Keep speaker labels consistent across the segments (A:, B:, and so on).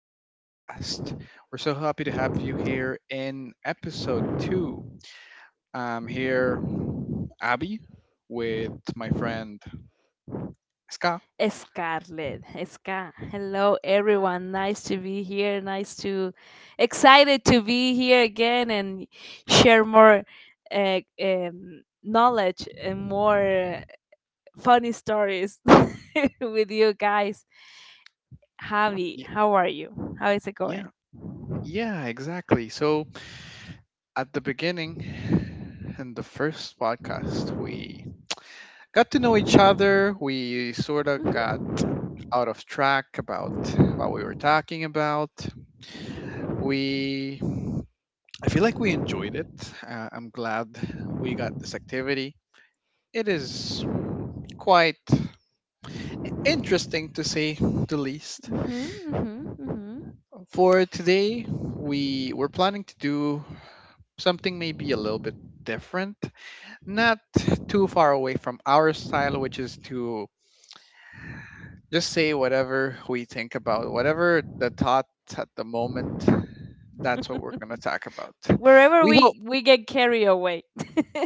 A: our podcast. We're so happy to have you here in episode two. I'm here, Abby, with my friend Ska.
B: Scarlett. Ska. Hello, everyone. Nice to be here. Excited to be here again and share more knowledge and more funny stories with you guys. Javi,
A: Yeah,
B: how are you? How is it going?
A: yeah, yeah, exactly. So at the beginning, in the first podcast, we got to know each other. We sort of
B: Mhm,
A: got out of track about what we were talking about. We, I feel like we enjoyed it. I'm glad we got this activity. It is quite interesting to say the least.
B: mhm, mhm,
A: For today, we were planning to do something maybe a little bit different, not too far away from our style, which is to just say whatever we think about, whatever the thoughts at the moment, that's what we're going to
B: mhm.
A: talk about.
B: Wherever
A: We hope,
B: we get carried away.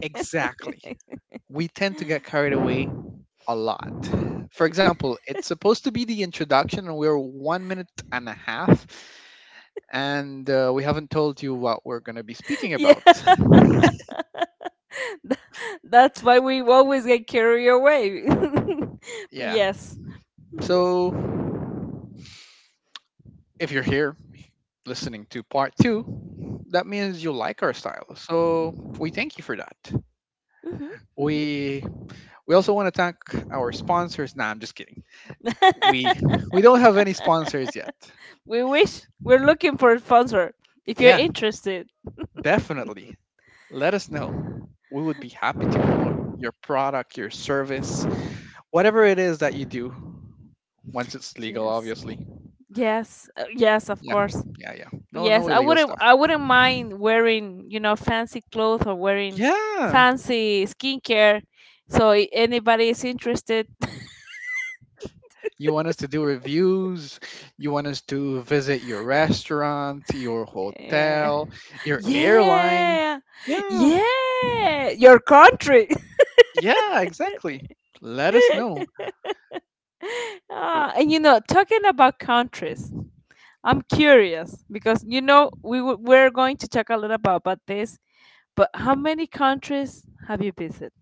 A: exactly. We tend to get carried away a lot. For example, it's supposed to be the introduction, and we're 1 minute and a half, and we haven't told you what we're going to be speaking
B: Yeah.
A: about.
B: That's why we always get carried away. But
A: Yeah.
B: yes. Mhm,
A: So if you're here listening to part two, that means you like our style. So we thank you for that.
B: mhm,
A: We We also want to thank our sponsors. Nah, I'm just kidding.
B: mhm.
A: We we don't have any sponsors yet.
B: We wish, we're looking for a sponsor if you're
A: Yeah,
B: interested.
A: definitely. Let us know. We would be happy to promote your product, your service, whatever it is that you do. Once it's legal,
B: Yes.
A: obviously.
B: Yes. Yes, of
A: Yeah,
B: course.
A: yeah, yeah.
B: But
A: No,
B: yes,
A: no
B: I
A: illegal
B: wouldn't
A: stuff.
B: I wouldn't mind wearing, you know, fancy clothes or wearing
A: Yeah.
B: fancy skincare. So anybody is interested.
A: You want us to do reviews. You want us to visit your restaurant, your
B: Yeah.
A: hotel, your airline.
B: Yeah.
A: Yeah.
B: Yeah. Your country.
A: Yeah, exactly. Let us know. Oh.
B: Ah, and you know, talking about countries, I'm curious, because you know we're going to talk a little bit about this, but how many countries have you visited?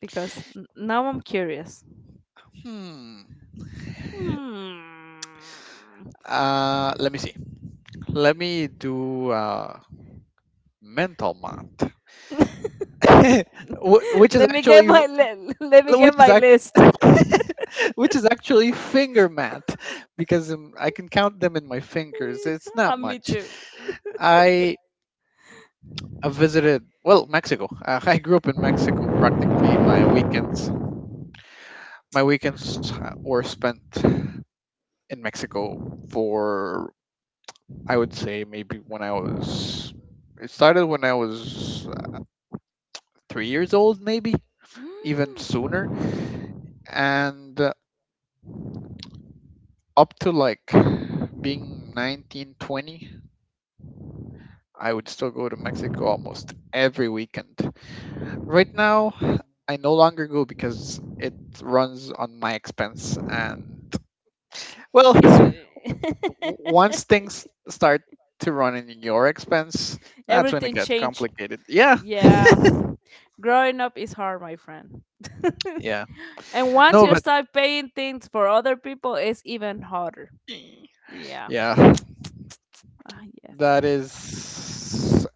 B: Because now I'm curious.
A: Hmm.
B: Hmm.
A: Let me see. Let me do mental math, Wh- which is
B: let me get
A: actually
B: my li- Let me
A: which
B: get
A: is
B: my
A: act-
B: list.
A: which is actually finger math, because I can count them in my fingers. It's
B: Ah,
A: not
B: me
A: much.
B: too.
A: I visited, well, Mexico. I grew up in Mexico. Practically my weekends were spent in Mexico for, I would say, maybe when I was it started when I was 3 years old, maybe even sooner, and up to like being 19, 20 would still go to Mexico almost every weekend. Right now I no longer go because it runs on my expense, and, well,
B: It's
A: once things start to run in your expense, that's when it
B: everything
A: gets
B: changed.
A: complicated. Yeah.
B: Yeah. Growing up is hard, my friend.
A: Yeah.
B: And once
A: No,
B: you
A: but
B: start paying things for other people, it's even harder. Yeah.
A: yeah,
B: Ah, yes.
A: that is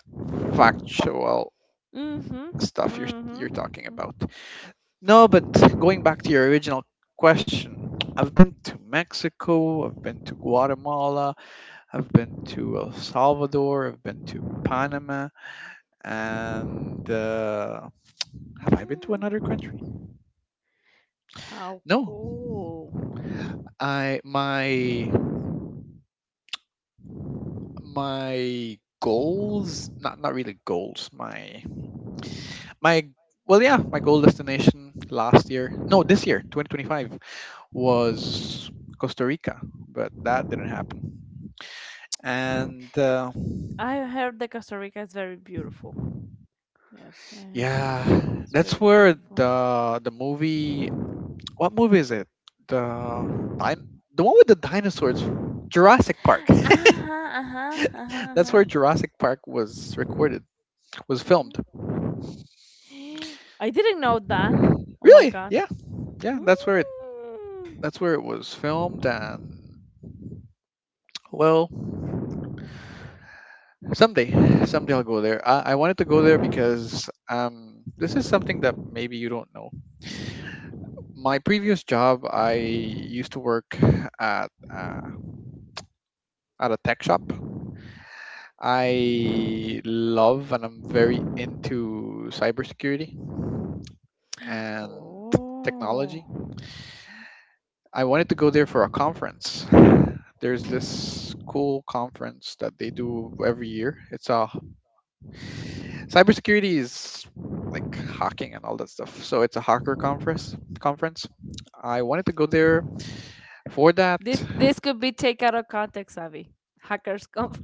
A: factual
B: Mhm.
A: stuff you're
B: Mhm.
A: you're talking about. No, but going back to your original question, I've been to Mexico, I've been to Guatemala, I've been to El Salvador, I've been to Panama, and have I been to another
B: Mm.
A: country?
B: How
A: No,
B: cool.
A: I, my goals, not really goals, my, well, yeah, my goal destination last year, no, this year 2025 was Costa Rica, but that didn't happen. And
B: I heard that Costa Rica is very beautiful. Yes, I heard
A: yeah,
B: that it's
A: that's
B: very
A: where
B: beautiful.
A: the movie, what movie is it, the din- the one with the dinosaurs, Jurassic Park.
B: Uh-huh, uh-huh, uh-huh,
A: That's
B: uh-huh.
A: where Jurassic Park was recorded, was filmed.
B: I didn't know that. Oh my
A: Really?
B: god.
A: Yeah, yeah,
B: Mm.
A: that's where it was filmed. And, well, someday, someday I'll go there. I wanted to go there because this is something that maybe you don't know. My previous job, I used to work at uh, at a tech shop. I love and I'm very into cybersecurity and
B: Oh.
A: technology. I wanted to go there for a conference. There's this cool conference that they do every year. It's a Cybersecurity is like hacking and all that stuff. So it's a hacker conference. I wanted to go there for that.
B: This could be take out of context, Avi. Hackers Conf,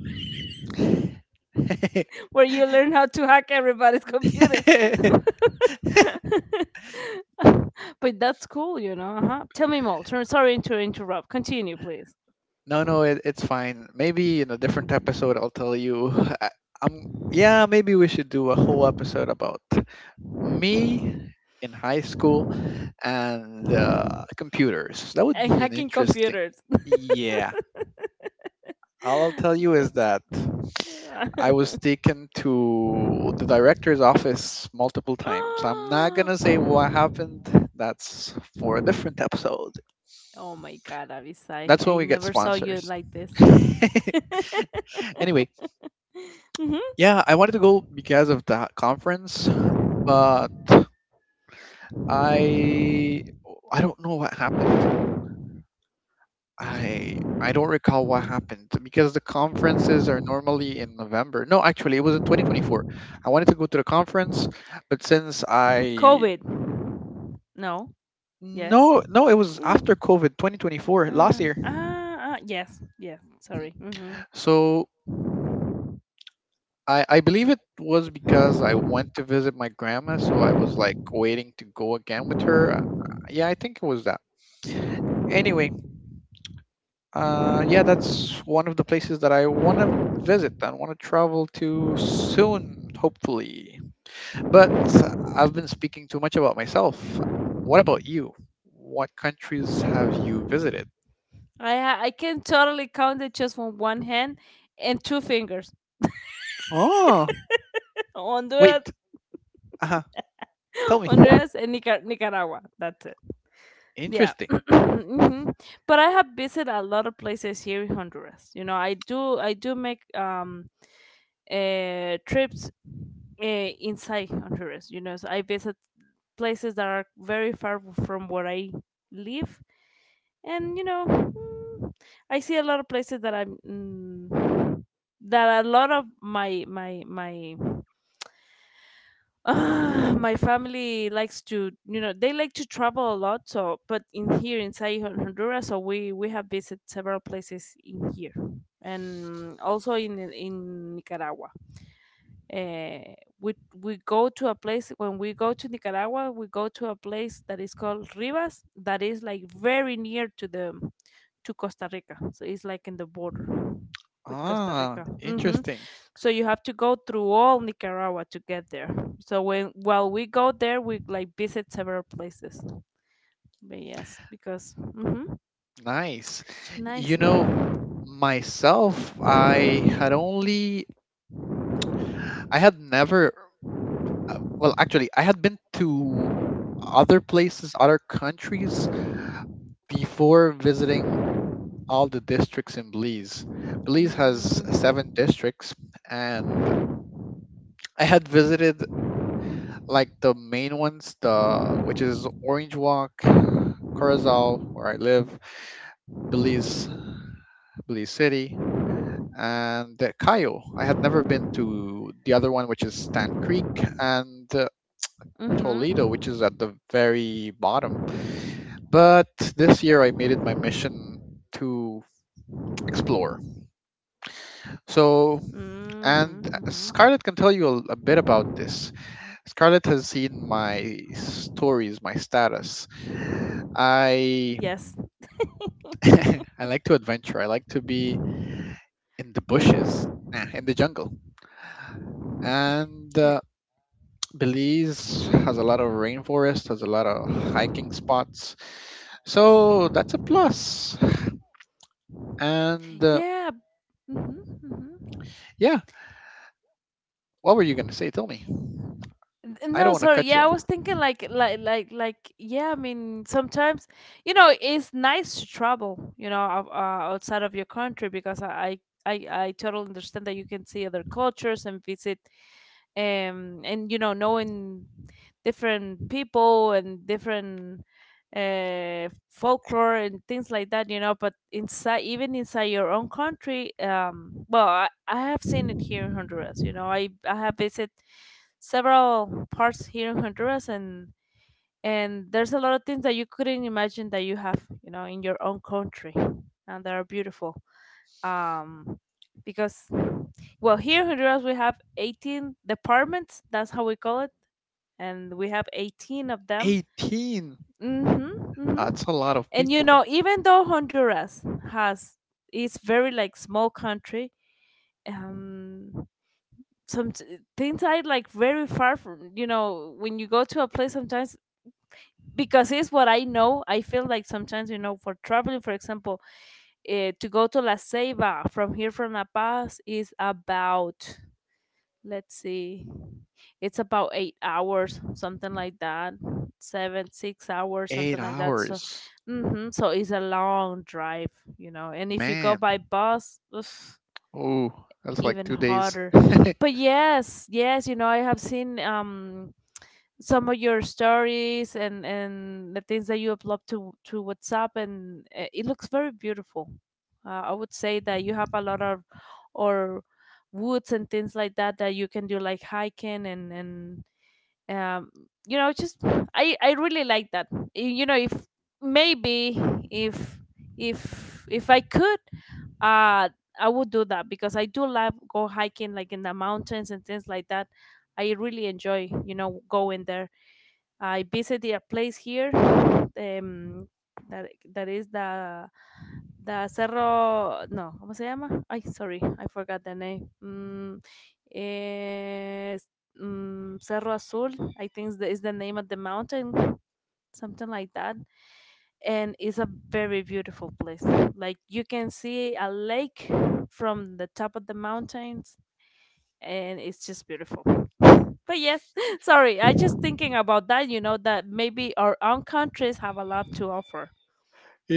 B: where you learn how to hack everybody's computer. But that's cool, you know. Uh-huh. Tell me more. Turn, sorry to interrupt. Continue, please.
A: No, no, it's fine. Maybe in a different episode, I'll tell you. I, I'm Yeah. Maybe we should do a whole episode about me in high school and computers. That would
B: And
A: be an
B: hacking
A: interesting.
B: computers.
A: Yeah, all I'll tell you is
B: That's.
A: that
B: Cool.
A: I was taken to the director's office multiple times. I'm not gonna
B: Oh
A: say what happened. That's for a different episode.
B: my God, Avisai!
A: That's when
B: I
A: we get
B: never saw you
A: sponsors.
B: like this.
A: Anyway,
B: Hmm.
A: yeah, I wanted to go because of that conference, but I I don't know what happened. I don't recall what happened because the conferences are normally in November. No, actually, it was in 2024. I wanted to go to the conference, but since I,
B: COVID. No. Yes.
A: no, no, it was after
B: No.
A: COVID 2024 last year.
B: Yes, yes.
A: Mhm.
B: Sorry. Hmm.
A: So I believe it was because I went to visit my grandma, so I was like waiting to go again with her. Yeah, I think it was that. Anyway, yeah, that's one of the places that I want to visit and want to travel to soon, hopefully. But I've been speaking too much about myself. What about you? What countries have you visited?
B: I can totally count it just from one hand and two fingers.
A: Oh,
B: Honduras,
A: wait. Uh, tell me.
B: Honduras, and Nicaragua. That's it. Yeah.
A: Interesting.
B: Hmm. But I have visited a lot of places here in Honduras. You know, I do make trips uh, inside Honduras. You know, so I visit places that are very far from where I live, and you know, I see a lot of places that I'm that a lot of my my my. My family likes to, you know, they like to travel a lot. So, but in here inside Honduras, so we have visited several places in here, and also in Nicaragua. Uh, we go to a place when we go to Nicaragua. We go to a place that is called Rivas, that is like very near to the to Costa Rica. So it's like in the border with Costa
A: Ah,
B: Rica. Hmm.
A: interesting.
B: So you have to go through all Nicaragua to get there. So when while we go there, we like visit several places. But yes, because hmm
A: Nice.
B: nice.
A: You know, myself, I had only, I had never, well, actually, I had been to other places, other countries, before visiting all the districts in Belize. Belize has
B: Mm-hmm.
A: seven districts, and I had visited like the main ones, the which is Orange Walk, Corazal, where I live, Belize, Belize City, and Cayo. I had never been to the other one, which is Stan Creek, and
B: Mm-hmm.
A: Toledo, which is at the very bottom. But this year, I made it my mission to explore. So,
B: Mm-hmm.
A: and
B: Mm-hmm.
A: Scarlett can tell you a bit about this. Scarlett has seen my stories, my status. I
B: Yes.
A: I like to adventure. I like to be in the bushes, in the jungle. And Belize has a lot of rainforest, has a lot of hiking spots. So that's a plus. And
B: Yeah. Mm-hmm. Mm-hmm.
A: yeah, what were you going to say? Tell me.
B: N-
A: I don't
B: No,
A: want to
B: sorry.
A: cut you
B: Yeah, I was
A: off.
B: thinking yeah, I mean, sometimes you know, it's nice to travel, you know, outside of your country, because I totally understand that you can see other cultures and visit and you know, knowing different people and different folklore and things like that, you know. But inside, even inside your own country, well, I have seen it here in Honduras. You know, I have visited several parts here in Honduras, and there's a lot of things that you couldn't imagine that you have, you know, in your own country, and they are beautiful. Um, because well, here in Honduras we have 18 departments. That's how we call it, and we have 18 of them.
A: 18.
B: Mhm. Mhm.
A: That's a lot of
B: And you
A: people.
B: know, even though Honduras has is very like small country, um some things are like very far from, you know, when you go to a place sometimes because it's what I know. I feel like sometimes, you know, for traveling, for example, to go to La Ceiba from here from La Paz is about let's see it's about 8 hours something like that 7, 6 hours something
A: Eight
B: like that so
A: hours.
B: hmm so it's a long drive, you know, and if you go
A: Man.
B: by bus, ugh,
A: Oh, that's like
B: even
A: 2 days.
B: harder. But yes, yes, you know, I have seen some of your stories and the things that you upload to WhatsApp, and it looks very beautiful. I would say that you have a lot of or woods and things like that that you can do, like hiking and um you know just I really like that. You know if maybe if if I could uh I would do that, because I do love go hiking like in the mountains and things like that. I really enjoy, you know, going there. I visited a place here um, that is the Cerro, no, ¿cómo se llama? Ay, sorry, I forgot the name. Eh, Cerro Azul, I think is is the name of the mountain, something like that. And it's a very beautiful place. Like you can see a lake from the top of the mountains, and it's just beautiful. But yes, sorry, I just thinking about that, you know, that maybe our own countries have a lot to offer.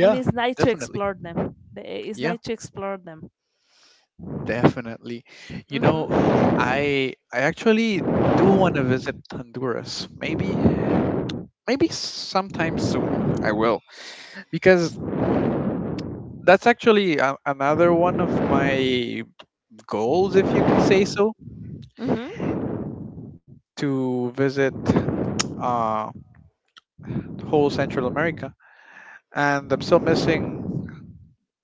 B: And it's nice to
A: definitely.
B: explore them. It's
A: Yeah,
B: nice to explore them.
A: definitely. You know,
B: Mm-hmm.
A: I actually do want to visit Honduras. Maybe sometime soon I will, because that's actually another one of my goals, if you could say so,
B: Mm-hmm.
A: to visit uh whole Central America. And I'm still missing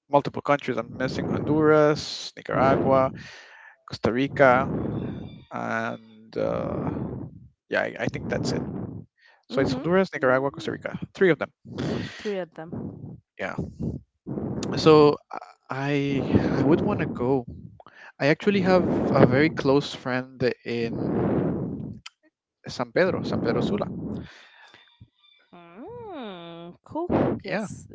A: multiple countries. I'm missing Honduras, Nicaragua, Costa Rica, and yeah, I think that's it. So it's
B: Mm-hmm.
A: Honduras, Nicaragua, Costa
B: Hmm.
A: Rica, three of them.
B: Three of them.
A: Yeah. So I I would want to go. I actually have a very close friend in San Pedro, San Pedro Sula.
B: Mm, cool.
A: Yeah.
B: Yes.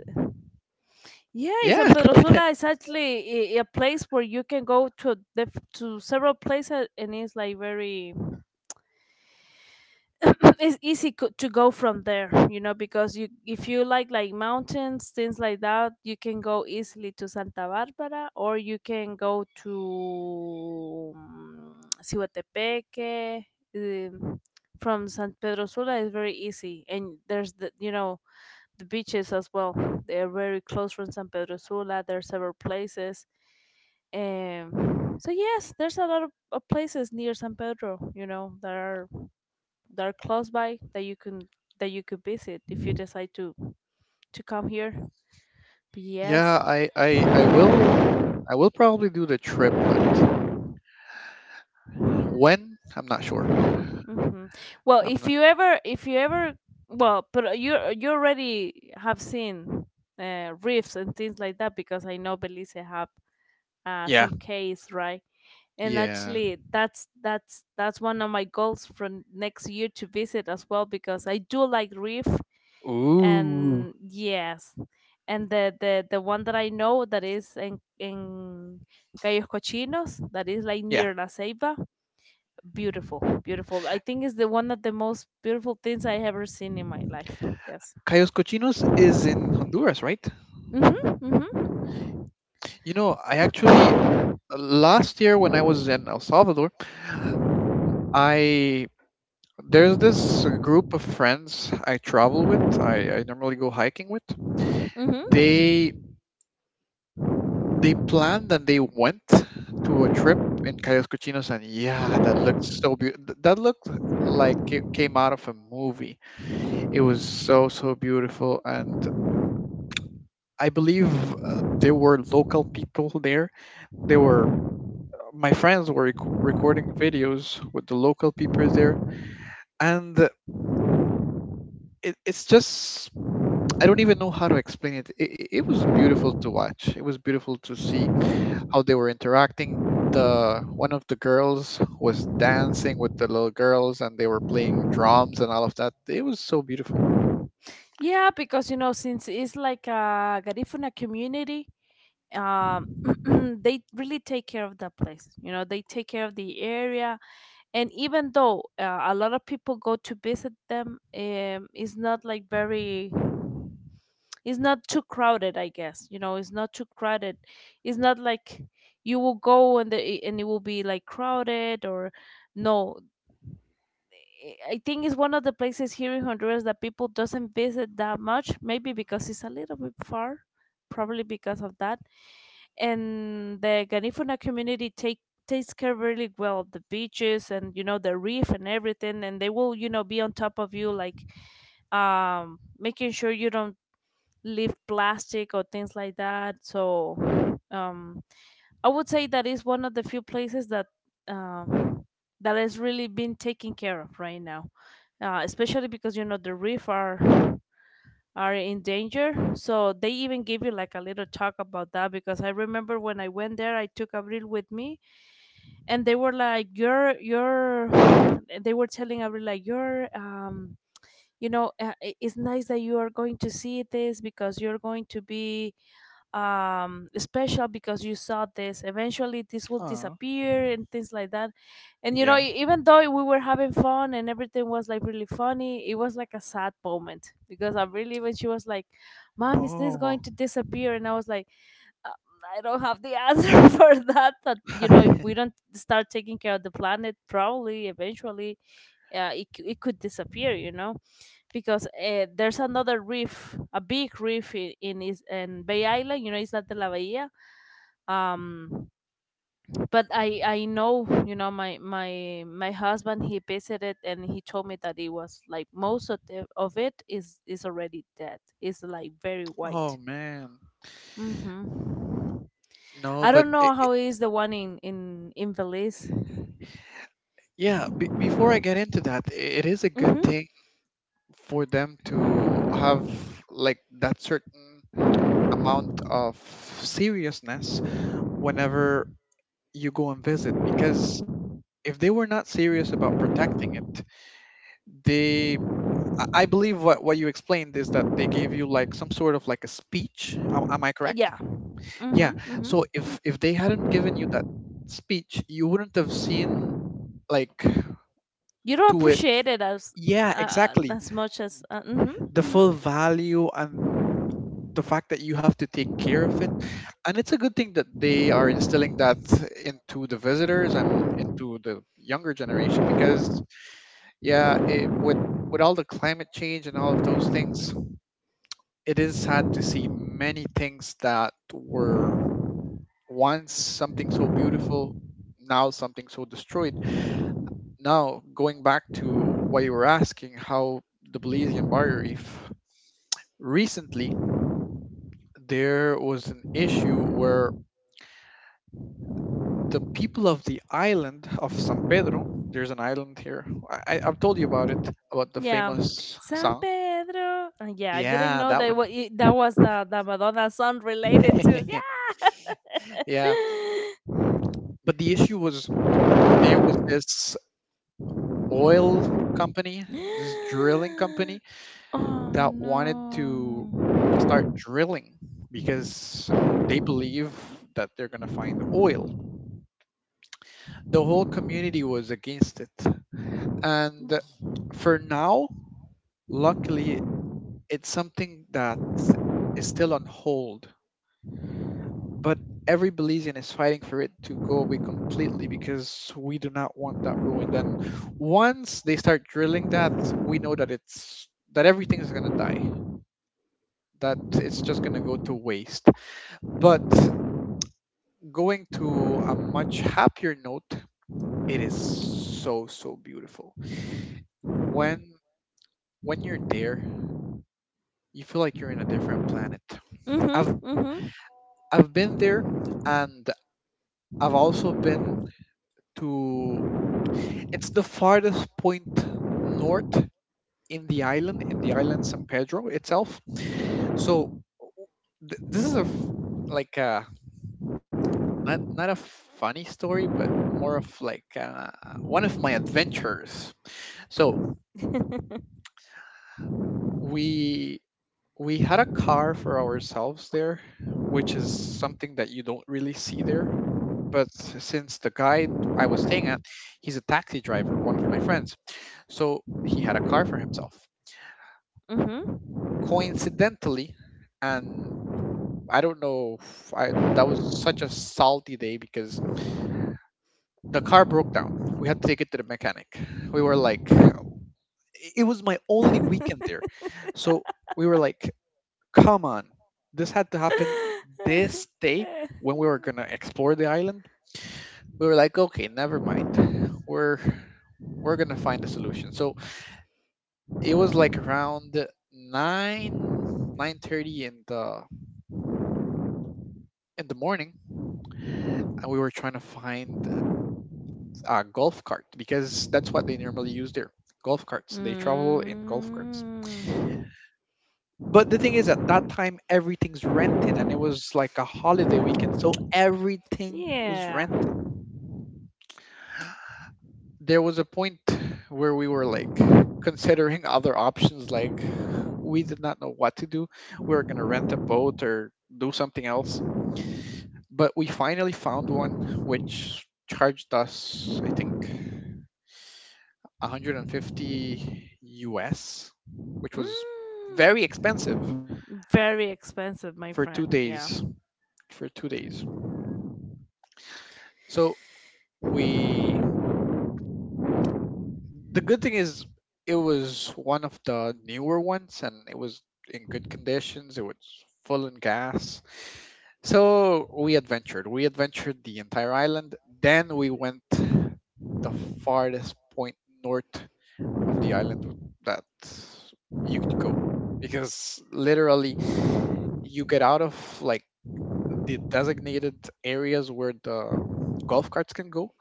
B: Yeah, San
A: Yeah.
B: Pedro Sula is actually a place where you can go to to several places, and it's like very it's easy to go from there, you know, because you if you like mountains things like that you can go easily to Santa Barbara, or you can go to Cihuatepeque. Um, from San Pedro Sula is very easy, and there's the you know the beaches as well, they're very close from San Pedro Sula, there's several places, um, so yes there's a lot of places near San Pedro, you know, that are close by that you can that you could visit if you decide to come here. But
A: Yeah,
B: yes.
A: I will probably do the trip, but when? I'm not sure.
B: Hmm. Well,
A: I'm not.
B: if you ever well, but you already have seen reefs and things like that, because I know Belize have
A: Yeah.
B: some caves, right? And
A: Yeah.
B: actually, that's one of my goals for next year to visit as well because I do like reef,
A: Ooh.
B: and yes, and the one that I know that is in Cayos Cochinos, that is like
A: Yeah.
B: near La Ceiba. Beautiful, beautiful. I think it's the one of the most beautiful things I ever seen in my life. Yes.
A: Cayos Cochinos is in Honduras, right?
B: Mhm,
A: You know, I actually
B: mhm,
A: last year when I was in El Salvador, I there's this group of friends I travel with. I normally go hiking with.
B: mhm.
A: They they planned and they went to a trip in Cayos Cochinos, and yeah, that looked so beautiful. That looked like it came out of a movie. It was so so beautiful. And I believe there were local people there. They were my friends were recording videos with the local people there, and it's just I don't even know how to explain it. It was beautiful to watch, it was beautiful to see how they were interacting. The one of the girls was dancing with the little girls, and they were playing drums, and all of that, it was so beautiful.
B: Yeah, because you know since it's like a Garifuna community, um they really take care of that place, you know, they take care of the area. And even though a lot of people go to visit them, it's not like very it's not too crowded, I guess, you know, it's not too crowded, it's not like you will go and the and it will be like crowded or no, I I think it's one of the places here in Honduras that people doesn't visit that much, maybe because it's a little bit far, probably because of that. And the Ganifuna community takes care really well of the beaches, and you know the reef and everything, and they will, you know, be on top of you, like, um, making sure you don't leave plastic or things like that. So I would say that is one of the few places that um that has really been taken care of right now, especially because you know the reef are in danger. So they even give you like a little talk about that, because I remember when I went there, I took Avril with me, and they were like, you're," they were telling Avril like, "You're." You know, it's nice that you are going to see this, because you're going to be special because you saw this. Eventually, this will
A: Oh,
B: disappear and things like that. And you know,
A: yeah.
B: even though we were having fun and everything was like really funny, it was like a sad moment, because I really, when she was like, "Mom, is this going
A: Oh.
B: to disappear?" and I was like, "Uh, I don't have the answer for that." But you know, if we don't start taking care of the planet, probably eventually, it it could disappear. You know, because there's another reef, a big reef in Bay Island. You know, Isla de la Bahia. Um, but I know, you know, my husband he visited, and he told me that it was like most of it is already dead. It's like very
A: Oh,
B: white.
A: man.
B: Mm-hmm.
A: No,
B: I
A: but
B: don't know how is the one in Belize.
A: yeah, before I get into that, I it is a good
B: Mm-hmm.
A: thing for them to have like that certain amount of seriousness whenever you go and visit, because if they were not serious about protecting it, they I believe what you explained is that they gave you like some sort of like a speech, am I correct?
B: Yeah.
A: Yeah.
B: Mm-hmm. Mm-hmm.
A: So if they hadn't given you that speech, you wouldn't have seen, like,
B: You don't
A: to it.
B: appreciate it as
A: Yeah,
B: uh,
A: exactly.
B: as much as mm-hmm,
A: The full
B: mm-hmm.
A: value, and the fact that you have to take care of it. And it's a good thing that they are instilling that into the visitors and into the younger generation, because, yeah, it, with all the climate change and all of those things, it is sad to see many things that were once something so beautiful, now something so destroyed. Now, going back to what you were asking, how the Belizean barrier reef, recently there was an issue where the people of the island of San Pedro, there's an island here. Have told you about it, about the
B: Yeah.
A: famous
B: San
A: song.
B: Pedro. Yeah, I didn't
A: Yeah,
B: know
A: that
B: that
A: one.
B: that was the Madonna song related to
A: Yeah,
B: yeah.
A: but the issue was that there was this oil company, this drilling company,
B: Oh
A: that wanted to
B: no.
A: start drilling because they believe that they're going to find oil. The whole community was against it. And for now, luckily, it's something that is still on hold, but every Belizean is fighting for it to go away completely because we do not want that ruined. And once they start drilling that, we know that it's that everything is gonna die. That it's just gonna go to waste. But going to a much happier note, it is so so beautiful. When when you're there, you feel like you're in a different planet. I've
B: Mhm. Mhm.
A: I've been there, and I've also been. To it's the farthest point north in the island San Pedro itself. So this is like a not a funny story, but more of like one of my adventures. So we we had a car for ourselves there, which is something that you don't really see there. But since the guy I was staying at, he's a taxi driver, one of my friends, so he had a car for himself.
B: Mhm.
A: Coincidentally, and I don't know, if I, that was such a salty day because the car broke down. We had to take it to the mechanic. We were like, it was my only weekend there. So we were like, come on, this had to happen this day when we were going to explore the island. We were like, okay, never mind. We're we're going to find a solution. So it was like around 9 9:30 in the morning we were trying to find a golf cart, because that's what they normally use there, golf carts. They travel in golf carts.
B: Mm.
A: But the thing is, at that time, everything's rented, and it was like a holiday weekend. So everything was
B: Yeah.
A: rented. There was a point where we were like considering other options. Like, we did not know what to do. We were going to rent a boat or do something else. But we finally found one which charged us, I think, 150 US, which was
B: Mm.
A: very expensive
B: Very expensive, my
A: for
B: friend.
A: two
B: Yeah.
A: days. For 2 days. So we the good thing is it was one of the newer ones and it was in good conditions. It was full in gas. So we adventured. We adventured the entire island. Then we went the farthest point north of the island that you could go, because literally you get out of like the designated areas where the golf carts can go,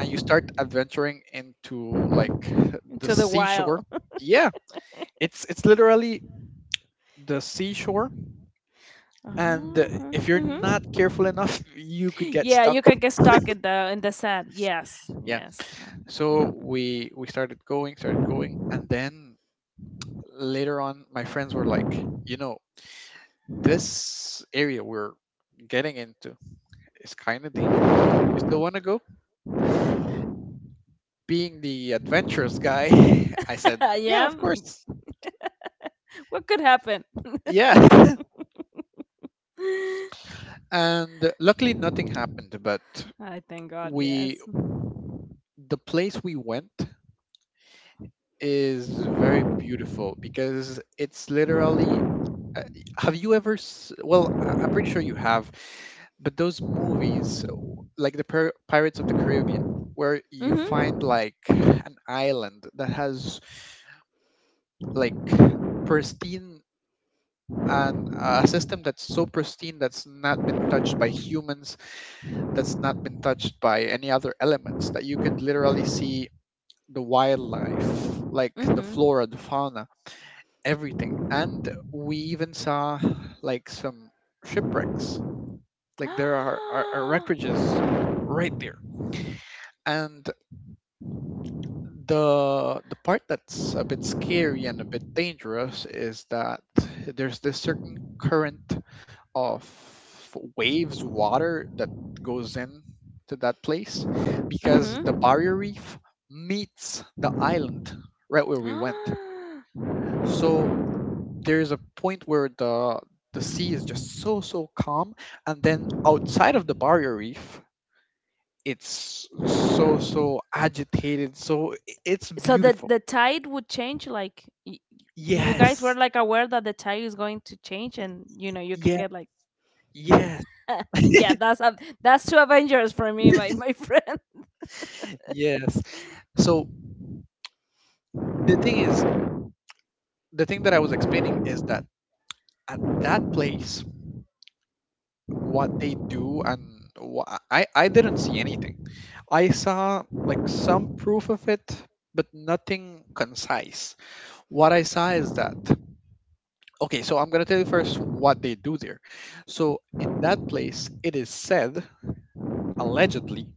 A: and you start adventuring into like the
B: To the
A: seashore.
B: wild.
A: Yeah, it's literally the seashore. And if
B: Uh-huh.
A: you're not
B: Mhm.
A: careful enough, you could get
B: Yeah, you
A: stuck.
B: can get stuck in the sand. Yes.
A: Yeah,
B: Yes.
A: so
B: Mhm.
A: we started going and then later on my friends were like, you know, this area we're getting into is kind of dangerous, you still want to go? Being the adventurous guy, I said, "Yeah,
B: Yeah.
A: of course,
B: What could happen?
A: yeah." And luckily, nothing happened. But
B: I thank God.
A: we,
B: Yes.
A: the place we went, is very beautiful because it's literally. uh, Have you ever? Well, I'm pretty sure you have, but those movies, like the Pirates of the Caribbean, where you
B: Mhm.
A: find like an island that has like pristine and a system that's so pristine that's not been touched by humans, that's not been touched by any other elements, that you could literally see the wildlife, like the
B: Mhm.
A: flora, the fauna, everything. And we even saw like some shipwrecks, like there are wreckages right there. And the part that's a bit scary and a bit dangerous is that there's this certain current of waves water that goes in to that place, because the
B: Mhm.
A: barrier reef meets the island right where we went. So there's a point where the sea is just so so calm, and then outside of the barrier reef it's so so agitated, so it's
B: So the
A: beautiful.
B: tide would change like do you guys were
A: Yes.
B: like aware that the tide is going to change, and you know you could
A: Yeah.
B: get like
A: Yes.
B: yeah, that's that's two avengers for me, my friend.
A: Yes. So the thing is, the thing that I was explaining is that at that place, what they do, and I didn't see anything. I saw like some proof of it, but nothing concise. What I saw is that, okay, so I'm gonna tell you first what they do there. So in that place, it is said, allegedly,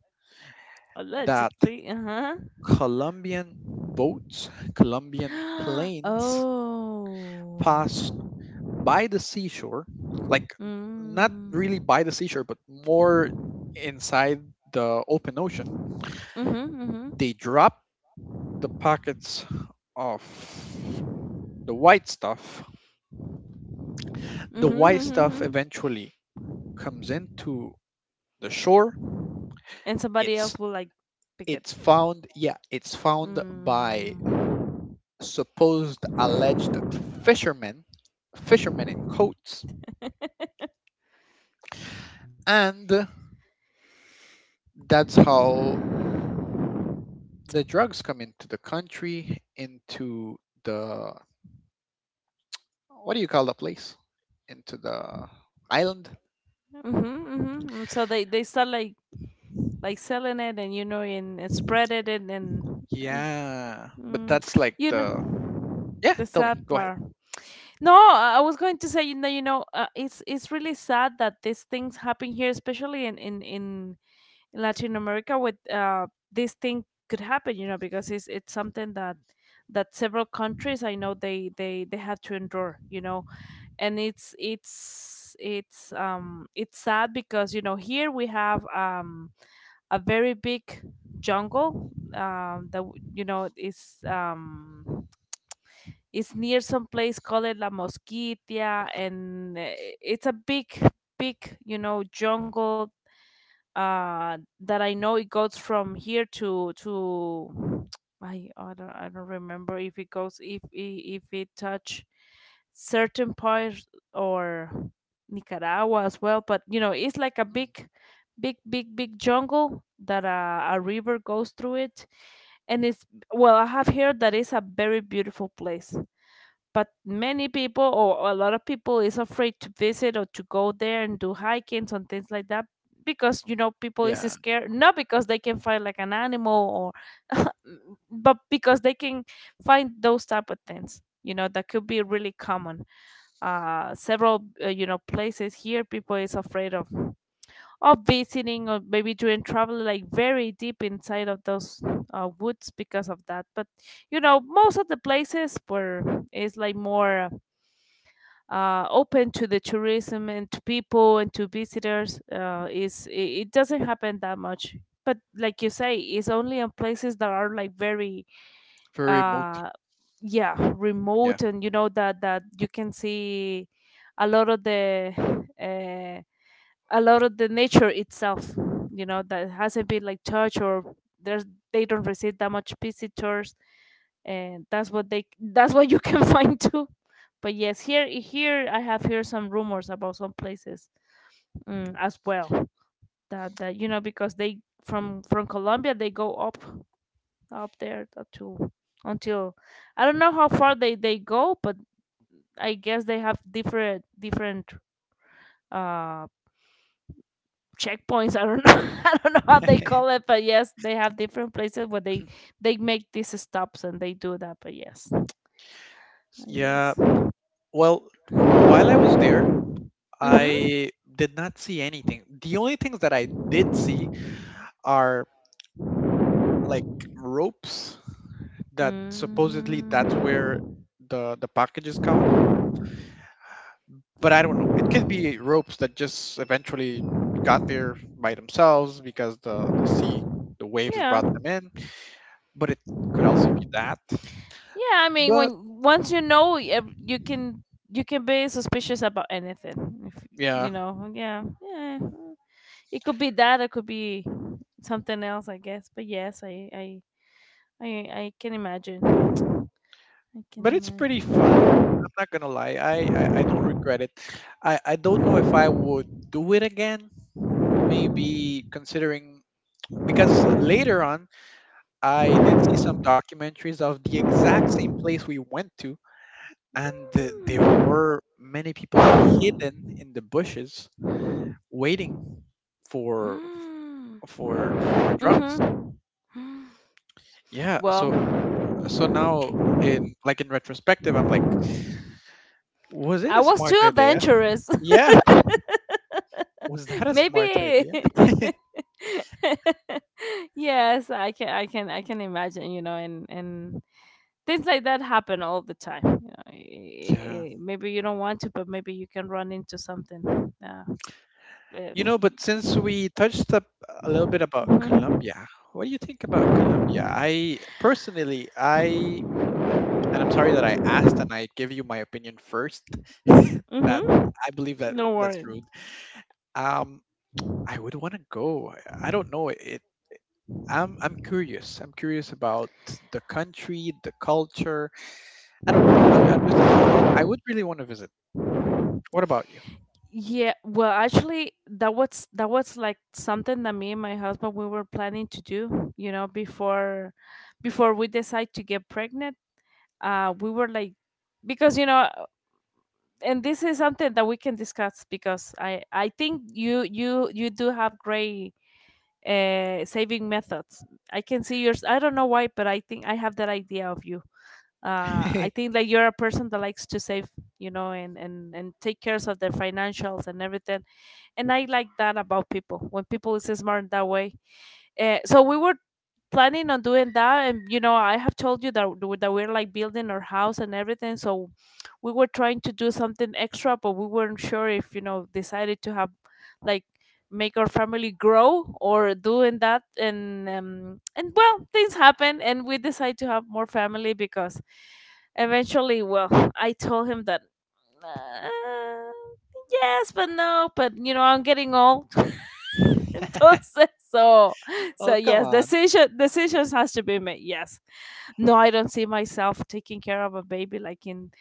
A: that
B: Allegedly, uh-huh.
A: Colombian boats, Colombian planes pass
B: Oh.
A: by the seashore, like not really
B: Mm.
A: by the seashore, but more inside the open ocean.
B: Mhm, mhm,
A: They drop the packets of the white stuff. The
B: mhm,
A: white stuff
B: mhm.
A: eventually comes into the shore.
B: And somebody
A: It's
B: else will like pick it.
A: it's found, yeah, it's
B: Mm,
A: found by
B: mhm,
A: supposed, alleged fishermen, fishermen in coats. And that's how the drugs come into the country, into the, what do you call the place? Into the island?
B: mhm, mhm. So they start like selling it, and you know, and spread it and and
A: Yeah, but
B: mm,
A: that's like
B: you know,
A: the, yeah,
B: the
A: tell
B: sad
A: me, go ahead.
B: part. No, I i was going to say, you know, it's really sad that these things happen here, especially in Latin America with this thing could happen, you know, because it's something that several countries I know they had to endure, you know. And it's sad because you know, here we have a very big jungle, that you know is near some place called La Mosquitia, and it's a big, big, you know, jungle that I know it goes from here to I don't remember if it goes if it touch certain parts or Nicaragua as well. But you know, it's like a
A: Mm,
B: big, big, big, big jungle that a river goes through it, and it's well, I have heard that it's a very beautiful place, but many people or a lot of people is afraid to visit or to go there and do hikings and things like that because you know people is
A: yeah,
B: scared, not because they can find like an animal or but because they can find those type of things, you know, that could be really common. Several you know, places here people is afraid of visiting or maybe doing travel like very deep inside of those woods because of that. But you know, most of the places where it's like more open to the tourism and to people and to visitors, is it doesn't happen that much. But like you say, it's only in places that are like very
A: very remote.
B: uh yeah,
A: Yeah.
B: remote. And you know that you can see a lot of the uh, a lot of the nature itself, you know, that hasn't been like touched, or there's they don't receive that much visitors, and that's what they that's what you can find too. But yes, here I have heard some rumors about some places, mm, as well, that you know, because they from Colombia they go up there to until I don't know how far they go. But I guess they have different uh checkpoints, I don't know, I don't know how they call it, but yes, they have different places where they make these stops and they do that. But yes.
A: Yeah,
B: Yes.
A: well, while I was there,
B: Hmm.
A: I did not see anything. The only things that I did see are like ropes that supposedly that's
B: Mm.
A: where the packages come, but I don't know, it could be ropes that just eventually got there by themselves because the sea, the waves brought
B: Yeah,
A: them in. But it could also be that.
B: yeah. I mean,
A: But
B: when once you know, you can be suspicious about anything. If
A: yeah,
B: you know, yeah, yeah. Mm. It could be that. It could be something else, I guess. But yes, I, I can imagine. I can
A: but it's pretty
B: imagine.
A: fun. I'm not gonna lie, I don't regret it. I don't know if I would do it again, maybe considering, because later on I did see some documentaries of the exact same place we went to, and there
B: Mm.
A: were many people hidden in the bushes waiting for
B: Mm.
A: for drugs.
B: Mhm.
A: Yeah,
B: Well,
A: so, so now, in like in retrospective, I'm like, was it
B: I
A: a
B: was
A: smart
B: too
A: idea?
B: adventurous.
A: Yeah, was that a smart
B: Maybe.
A: idea?
B: Yes, I can imagine, you know. And things like that happen all the time, you know.
A: Yeah,
B: Maybe you don't want to, but maybe you can run into something. uh, uh,
A: you know, but since we touched up a little bit about
B: mm-hmm,
A: Colombia, what do you think about Colombia? I personally i and I'm sorry that I asked and I give you my opinion first, that
B: mm-hmm.
A: I believe
B: No
A: that
B: worries.
A: that's rude. Um, I would want to go. I don't know. It. I'm curious. About the country, the culture. I don't know. I'm just. I would really want to visit. What about you?
B: Yeah, well, actually that was like something that me and my husband we were planning to do, you know, before we decide to get pregnant. We were like, because you know, and this is something that we can discuss, because I think you do have great saving methods. I can see yours, I don't know why, but I think I have that idea of you. I think that you're a person that likes to save, you know, and and take care of their financials and everything, and I like that about people when people is smart that way. So we were planning on doing that. And you know, I have told you that, that we're like building our house and everything, so we were trying to do something extra, but we weren't sure if, you know, decided to have like make our family grow or doing that. And and well, things happen, and we decide to have more family because eventually, well, I told him that uh, yes, but no, but you know, I'm getting old. Entonces, so, so
A: Oh, come
B: yes,
A: on.
B: decisions has to be made. Yes. No, I don't see myself taking care of a baby like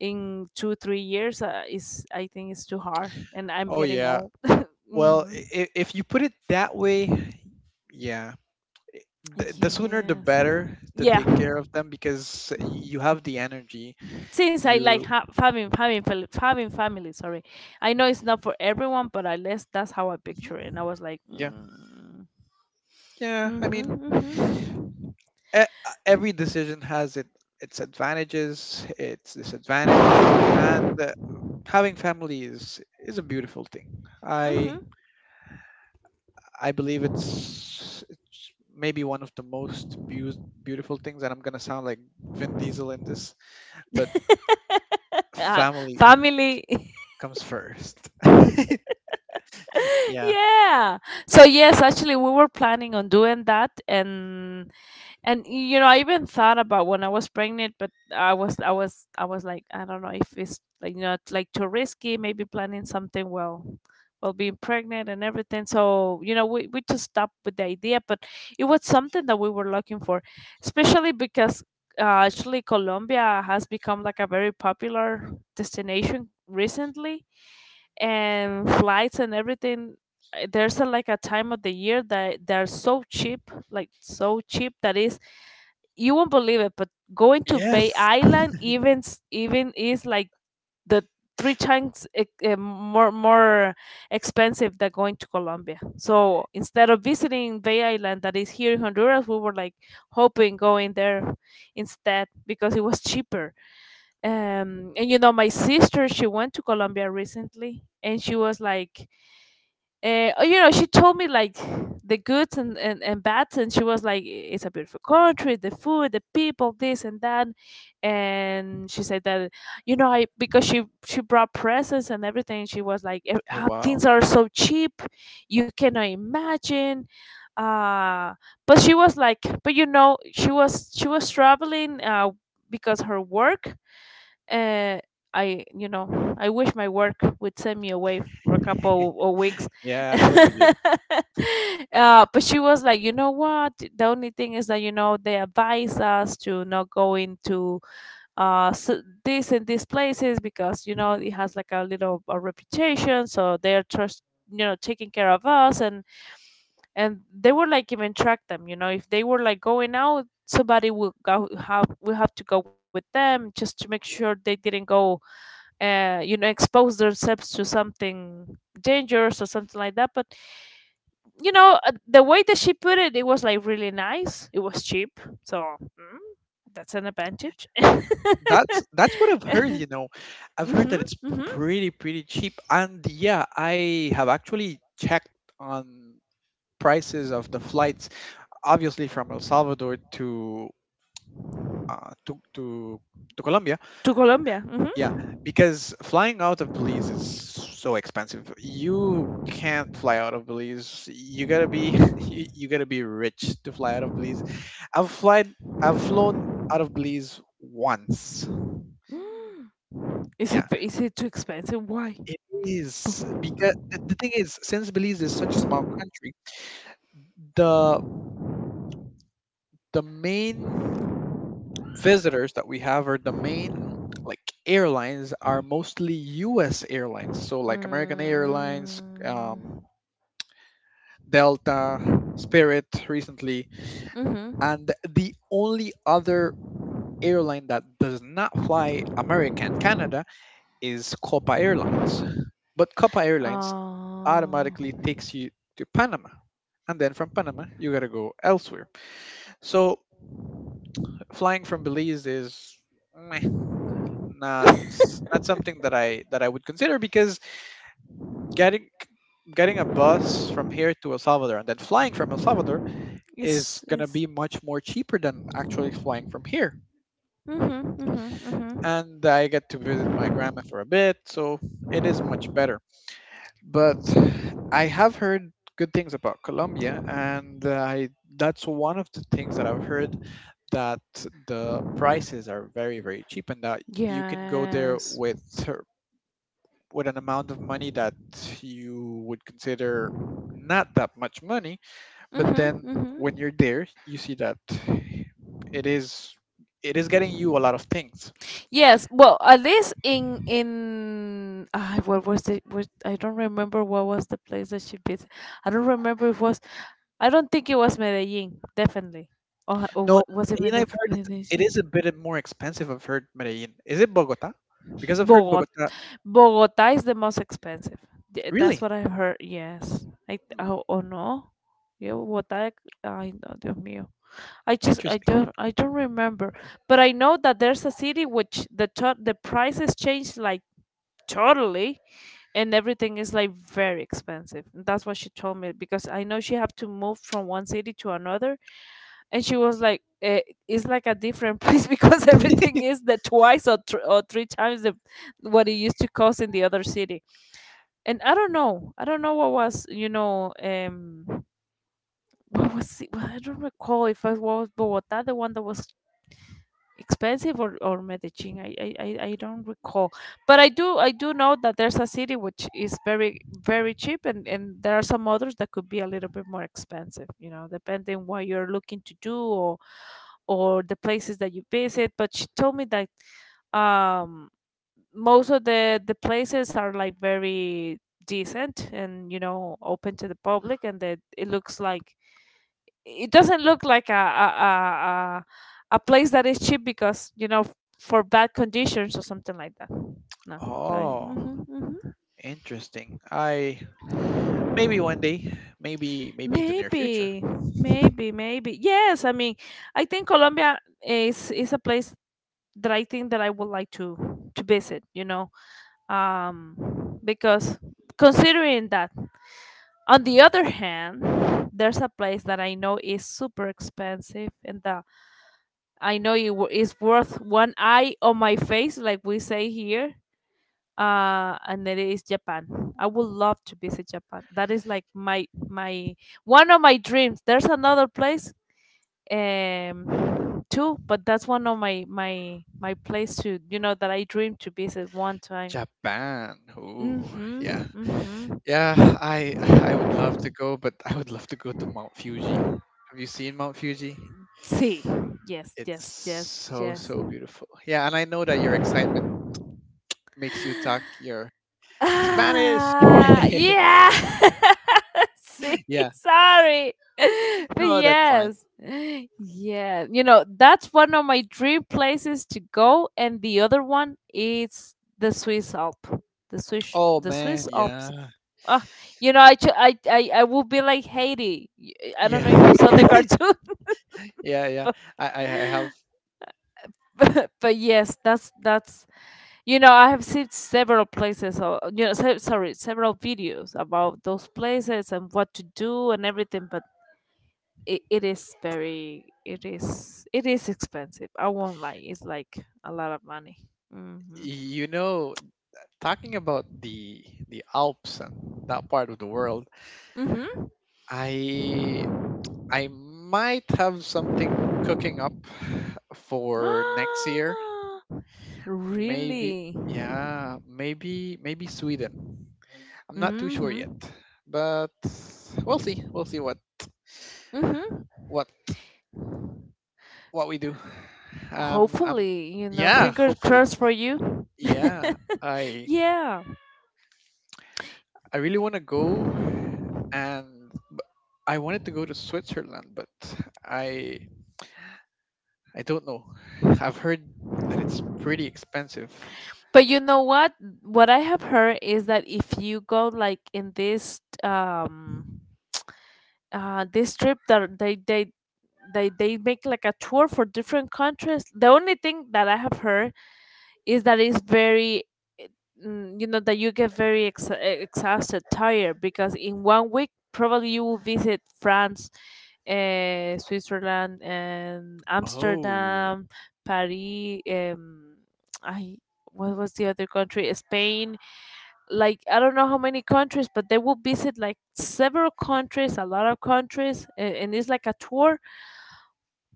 B: in two three years. Is I think it's too hard, and I'm
A: Oh
B: getting
A: yeah.
B: old.
A: Well,
B: Hmm.
A: if you put it that way, yeah. The sooner the
B: Yes.
A: better to take
B: Yeah.
A: care of them because you have the energy.
B: Since I like
A: You.
B: having having family. Sorry, I know it's not for everyone, but at least that's how I
A: Mhm.
B: picture it. And I was like,
A: Yeah.
B: mm,
A: Yeah. I mean,
B: mm-hmm, mm-hmm.
A: e- every decision has its advantages, its disadvantages, and having family is a beautiful thing. I
B: Mm-hmm.
A: I believe it's maybe one of the most beautiful things, and I'm gonna sound like Vin Diesel in this, but
B: Uh,
A: family
B: family.
A: comes first. Yeah.
B: Yeah. So yes, actually we were planning on doing that, and you know, I even thought about when I was pregnant, but I was like, I don't know if it's like not like too risky, maybe planning something well, well being pregnant and everything. So, you know, we just stopped with the idea. But it was something that we were looking for, especially because actually Colombia has become like a very popular destination recently, and flights and everything. There's a, like a time of the year that they're so cheap, like so cheap that is you won't believe it, but going to Bay
A: Yes.
B: Island, even even is like the three times, more, more expensive than going to Colombia. So instead of visiting Bay Island that is here in Honduras, we were like hoping going there instead because it was cheaper. And you know, my sister, she went to Colombia recently, and she was like, oh, you know, she told me like the goods, and bads, and she was like, it's a beautiful country, the food, the people, this and that. And she said that, you know, I because she brought presents and everything. She was like, "Eh,
A: Oh
B: ah,
A: wow.
B: things are so cheap, you cannot imagine. uh but she was like, but you know, she was traveling because her work. uh, I, you know, I wish my work would send me away for a couple of weeks.
A: Yeah, that would
B: uh,
A: be
B: but she was like, you know what? The only thing is that you know they advise us to not go into this and these places because you know,
A: good.
B: it has like a reputation, so they're trust, you know, taking care of us. And they were like even track them, you know. If they were like going out, somebody will go, have, we have to go with them just to make sure they didn't go you know, expose themselves to something dangerous or something like that. But you know, the way that she put it, it was like really nice, it was cheap, so mm, that's an advantage.
A: That's what I've heard, you know. I've heard
B: Hmm.
A: that it's
B: Hmm.
A: pretty pretty cheap, and yeah, I have actually checked on prices of the flights, obviously from El Salvador to to Colombia.
B: To Colombia. Hmm.
A: Yeah, because flying out of Belize is so expensive. You can't fly out of Belize. You gotta be you gotta be rich to fly out of Belize. I've flied I've flown out of Belize once.
B: Is it
A: Yeah,
B: is it too expensive? Why?
A: it is because the thing is, since Belize is such a small country, the the main visitors that we have or the main like airlines are mostly U.S. airlines. So like American Airlines,
B: Mm,
A: Delta, Spirit recently,
B: mm-hmm.
A: and the only other airline that does not fly America and Canada is Copa Airlines. But Copa Airlines
B: uh,
A: automatically takes you to Panama. And then from Panama, you gotta go elsewhere. So flying from Belize is meh, not not something that I would consider, because getting getting a bus from here to El Salvador and then flying from El Salvador is
B: it's
A: gonna
B: it's
A: be much more cheaper than actually flying from here.
B: mm-hmm, mm-hmm, mm-hmm.
A: And I get to visit my grandma for a bit, so it is much better. But I have heard good things about Colombia, and I that's one of the things that I've heard, that the prices are very very cheap, and that you can go there
B: Yes.
A: with with an amount of money that you would consider not that much money, but
B: Mm-hmm,
A: then when
B: mm-hmm.
A: you're there, you see that it is it is getting you a lot of things.
B: Yes, well, at least in ah, what was the? Was, I don't remember what was the place that she visited. I don't remember if it was. I don't think it was Medellin, definitely. Or
A: No,
B: what was it,
A: Medellin, I've heard it,
B: Medellin?
A: it is a bit more expensive. I've heard Medellin. Is it Bogota? Because I've heard
B: Bogota.
A: Bogota.
B: Bogota is the most expensive. That's
A: Really?
B: what I heard. Yes. I
A: Hmm,
B: oh, oh no. Yeah, Bogota. I no, Dios mío. I just
A: interesting.
B: I don't remember, but I know that there's a city which the the prices changed like totally, and everything is like very expensive. That's what she told me because I know she had to move from one city to another, and she was like, "It's like a different place because everything is the twice or three times what it used to cost in the other city." And I don't know what was what was it? I don't recall if it was Bogota, the one that was expensive or Medellin. I don't recall. But I do know that there's a city which is very cheap, and there are some others that could be a little bit more expensive, you know, depending what you're looking to do or the places that you visit. But she told me that um most of the places are like very decent and, you know, open to the public, and that it looks like it doesn't look like a a place that is cheap because, you know, for bad conditions or something like that. No, but
A: Oh, interesting. I, maybe one day, maybe in the near future.
B: maybe, maybe. Yes, I mean, I think Colombia is a place that I think that I would like to visit. You know, because considering that. On the other hand, there's a place that I know is super expensive, and that I know it is worth one eye on my face, like we say here. And it is Japan. I would love to visit Japan. That is like my one of my dreams. There's another place, too, but that's one of my place to, you know, that I dream to visit one time.
A: Japan. Ooh, yeah.
B: Mhm.
A: Yeah, I I would love to
B: Mhm.
A: go, but I would love to go to Mount Fuji. Have you seen Mount Fuji?
B: See. Yes.
A: It's
B: Yes. Yes.
A: so
B: Yes.
A: so beautiful. Yeah, and I know that your excitement makes you talk your Spanish.
B: Ah, yeah. See,
A: Yeah.
B: sorry. But
A: No, that's fine.
B: yes. Yeah. You know, that's one of my dream places to go. And the other one is the Swiss Alp.
A: Oh
B: The
A: man,
B: Swiss Alps.
A: yeah.
B: Oh, you know, I, ju- I will be like Haiti. I don't know if
A: Yeah.
B: you saw the cartoon,
A: Yeah, yeah.
B: but
A: I have,
B: but yes, that's, you know, I have seen several places, or, you know, sorry, several videos about those places and what to do and everything, but it is it is expensive. I won't lie, it's like a lot of money. Mm-hmm.
A: you know, talking about the Alps and that part of the world,
B: Mm-hmm.
A: I I might have something cooking up for next year. Maybe,
B: Really?
A: yeah, maybe Sweden. I'm not too sure yet,
B: Mm-hmm.
A: but we'll see. We'll see what
B: Mm-hmm.
A: what what we do. Um, um,
B: Hopefully, you know,
A: yeah,
B: fingers
A: hopefully.
B: crossed for you.
A: Yeah,
B: Yeah.
A: I really want to go and I wanted to go to Switzerland, but I I don't know. I've heard that it's pretty expensive.
B: But you know what? What I have heard is that if you go like in this this trip that they make like a tour for different countries. The only thing that I have heard is that it's very eh, you know, that you get very exhausted, tired, because in one week probably you will visit France, Switzerland, and
A: Oh,
B: Amsterdam, Paris, I what was the other country, Spain? Like, I don't know how many countries, but they will visit like several countries, a lot of countries, and it's like a tour.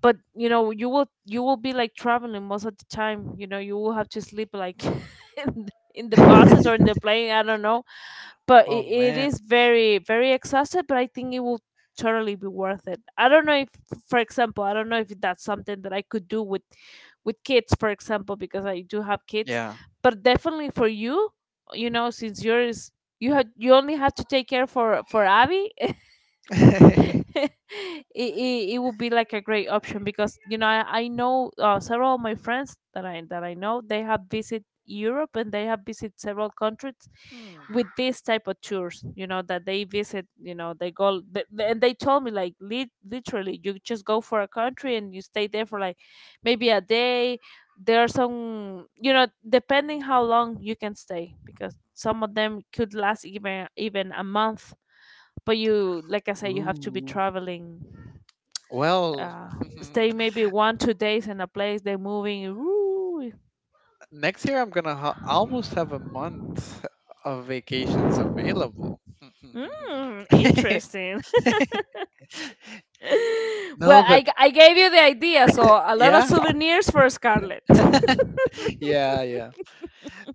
B: But, you know, you will be like traveling most of the time. You know, you will have to sleep like in the buses or in
A: oh
B: the plane, I don't know. But it
A: man,
B: is very very exhausted, but I think it will totally be worth it. I don't know if, for example, I don't know if that's something that I could do with kids, for example, because I do have kids.
A: yeah.
B: But definitely for you, you know, since yours you only have to take care for Abby. it, it it would be like a great option because, you know, I know, several of my friends that I know, they have visited Europe and they have visited several countries
A: Hmm.
B: with this type of tours. You know that they visit. You know they and they told me like literally you just go for a country and you stay there for like maybe a day. There are some, you know, depending how long you can stay, because some of them could last even even a month, but you, like I said, you have to be
A: Ooh.
B: traveling,
A: Well,
B: uh stay maybe one two days in a place, they're moving. Ooh.
A: next year I'm gonna almost have a month of vacations available.
B: Interesting.
A: No,
B: Well,
A: but
B: I gave you the idea, so a lot of
A: yeah,
B: souvenirs for Scarlett.
A: yeah, yeah.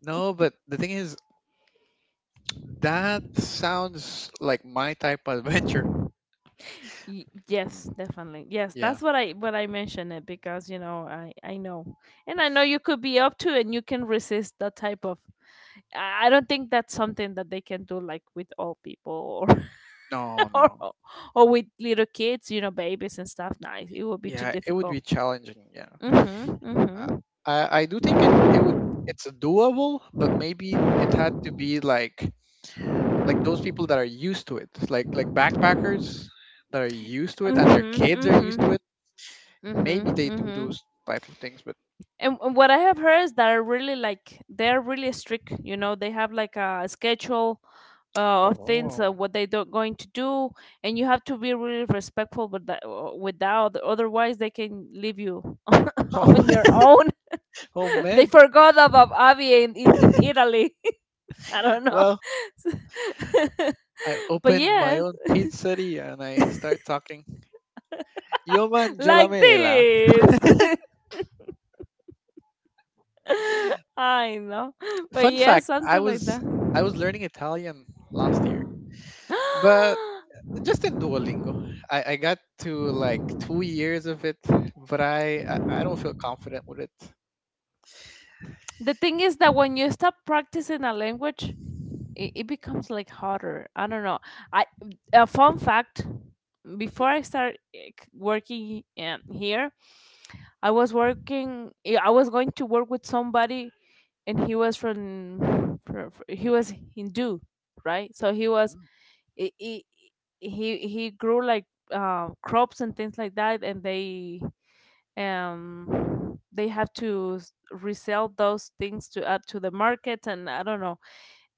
A: No, but the thing is, that sounds like my type of adventure.
B: Yes, definitely, yes,
A: Yeah.
B: that's what I mentioned it, because, you know, I know, and I know you could be up to and you can resist that type of, I don't think that's something that they can do like with all people or.
A: No,
B: or
A: no.
B: or with little kids, you know, babies and stuff. Nice. It would be too
A: Yeah, it would be
B: difficult.
A: challenging. Yeah.
B: Mhm.
A: Uh,
B: Mhm.
A: I do think it would it's doable, but maybe it had to be like those people that are used to it, like backpackers that are used to it and their
B: Mhm.
A: kids are used to
B: Mhm.
A: it.
B: Mhm.
A: Maybe they do
B: Mhm.
A: those type of things, but
B: And what I have heard is that are really like they're really strict. You know, they have like a schedule of things,
A: oh.
B: what they don't going to do, and you have to be really respectful with that. Without otherwise, they can leave you on your
A: Oh,
B: own.
A: oh
B: They
A: man.
B: forgot about Avi in Italy. I don't know.
A: Well, I
B: But
A: opened my
B: yes,
A: own pizzeria and I start talking. Yo man, yo la
B: like
A: mela.
B: this. I know. But
A: Fun
B: yeah,
A: fact, I
B: something like
A: was
B: that.
A: I was learning Italian last year, but just in Duolingo. I got to like 2 years of it, but I don't feel confident with it.
B: The thing is that when you stop practicing a language, it becomes like harder. I don't know. I, a fun fact, before
A: Mhm.
B: I start working, here, I was working, I was going to work with somebody, and he was from he was Hindu, right? So he was
A: Mm.
B: i- i- he grew like, crops and things like that, and they have to resell those things to add to the market, and I don't know,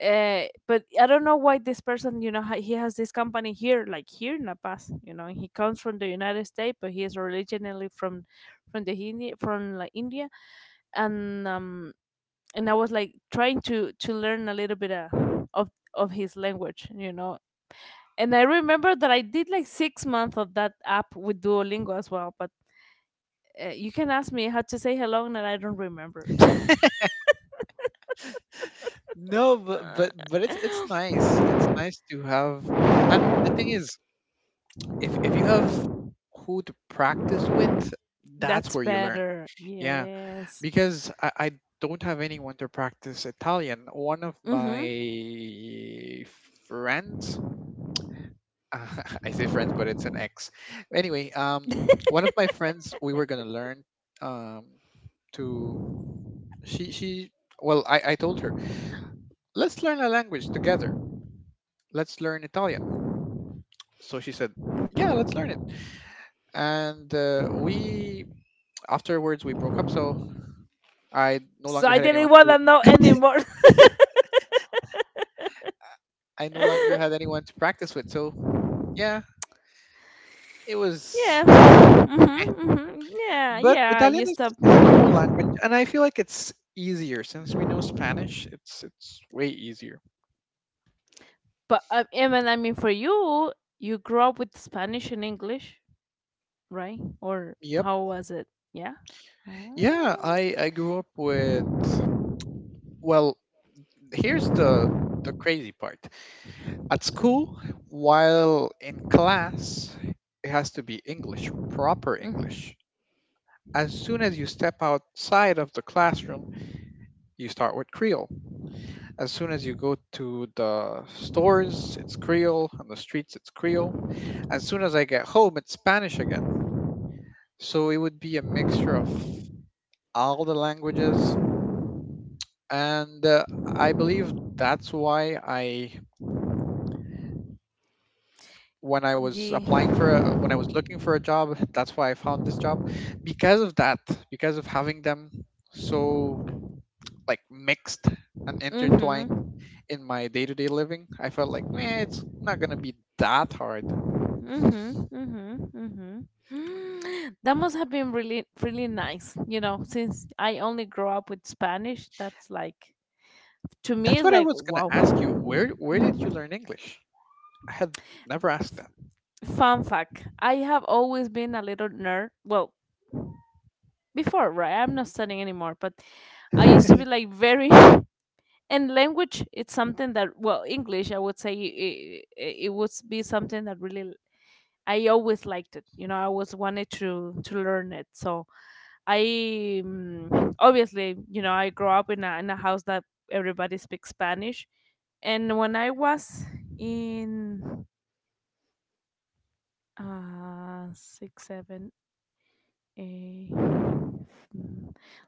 B: but I don't know why this person, you know, he has this company here, like here in La Paz. You know, he comes from the United States, but he is originally from the India, from like India. And I was like trying to learn a little bit, of of his language, you know. And I remember that I did like 6 months of that app with Duolingo as well. But you can ask me how to say hello, and I don't remember.
A: No, but it's nice. It's nice to have, and the thing is, if you have who to practice with, that's
B: That's
A: where you learn.
B: better.
A: Yeah,
B: Yes.
A: because I don't have anyone to practice Italian. One of
B: Mm-hmm.
A: my friends, I say friends, but it's an ex. Anyway, one of my friends, we were gonna learn, um, to she she. Well, I told her, let's learn a language together. Let's learn Italian. So she said, yeah, let's learn it. And we afterwards we broke up. So I no
B: So
A: longer
B: I
A: had
B: didn't
A: anyone
B: want to
A: to
B: know anymore.
A: I no longer had anyone to practice with. So yeah, it was.
B: Yeah.
A: eh.
B: Mm-hmm, mm-hmm. Yeah.
A: But
B: Yeah.
A: Italian
B: You stop.
A: is a cool
B: But
A: language, and I feel like it's easier since we know Spanish. It's way easier.
B: I mean, for you, you grew up with Spanish and English, right? Or
A: Yep.
B: how was it? Yeah.
A: Yeah,
B: Oh.
A: I grew up with. Well, here's the crazy part. At school, while in class, it has to be English, proper
B: Mm.
A: English. As soon as you step outside of the classroom, you start with Creole. As soon as you go to the stores, it's Creole. On the streets, it's Creole. As soon as I get home, it's Spanish again. So it would be a mixture of all the languages. And I believe that's why I, when I was applying
B: Yeah.
A: for, a, when I was looking for a job, that's why I found this job because of that, because of having them so like mixed and intertwined
B: Mm-hmm.
A: in my day to day living. I felt like, man, it's not going to be that hard.
B: Mhm, mhm, mhm. That must have been really, really nice. You know, since I only grew up with Spanish, that's like, to me,
A: That's
B: it's
A: what I
B: like,
A: was gonna
B: wow.
A: ask you. Where did you
B: Mhm.
A: learn English? I had never asked
B: F- Fun fact: I have always been a little nerd. Well, before, right? I'm not studying anymore, but I used to
A: that.
B: be like very. And language, it's something that, well, English, I would say, it would be something that really I always liked it. You know, I always wanted to learn it. So I, obviously, you know, I grew up in a house that everybody speaks Spanish, and when I was in six, seven, eight,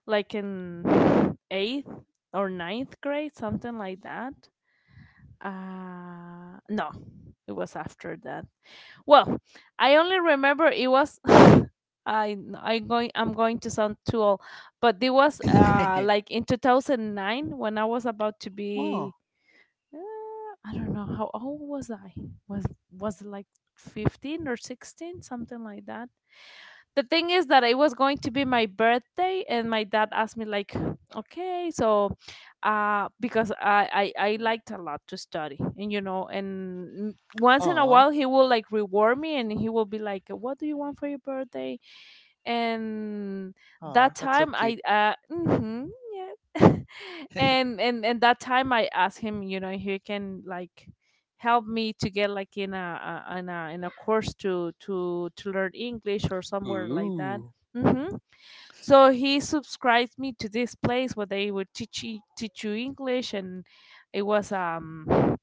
B: like in eighth or ninth grade, something like that, no, it was after that. Well, I only remember it was. I'm going to sound too old, but it was like in 2009 when I was about to
A: Oh,
B: be, I don't know how old was I, was it like 15 or 16, something like that? The thing is that it was going to be my birthday, and my dad asked me like, okay, so, because I liked a lot to study, and, you know, and once in a
A: aw,
B: while he will like reward me, and he will be like, what do you want for your birthday? And
A: aw,
B: that
A: that's so
B: time
A: cute.
B: I yeah. And that time I asked him, you know, if he can like help me to get like in a in a in a course to to learn English or somewhere like that.
A: Ooh.
B: Hmm. So he subscribed me to this place where they would teach you English. And it was um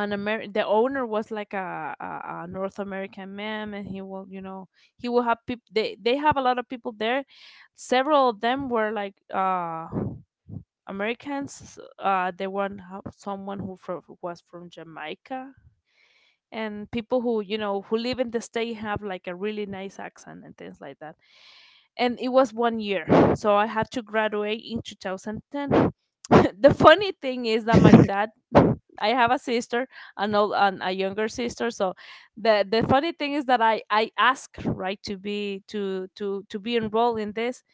B: an Amer- the owner was like a North American man, and he will, you know, he will have people, they have a lot of people there. Several of them were like, Americans, they, one someone who who was from Jamaica, and people who, you know, who live in the state have like a really nice accent and things like that. And it was one year, so I had to graduate in 2010. The funny thing is that my dad, I have a sister, an old and a younger sister. So the funny thing is that I asked, right, to be to be enrolled in this.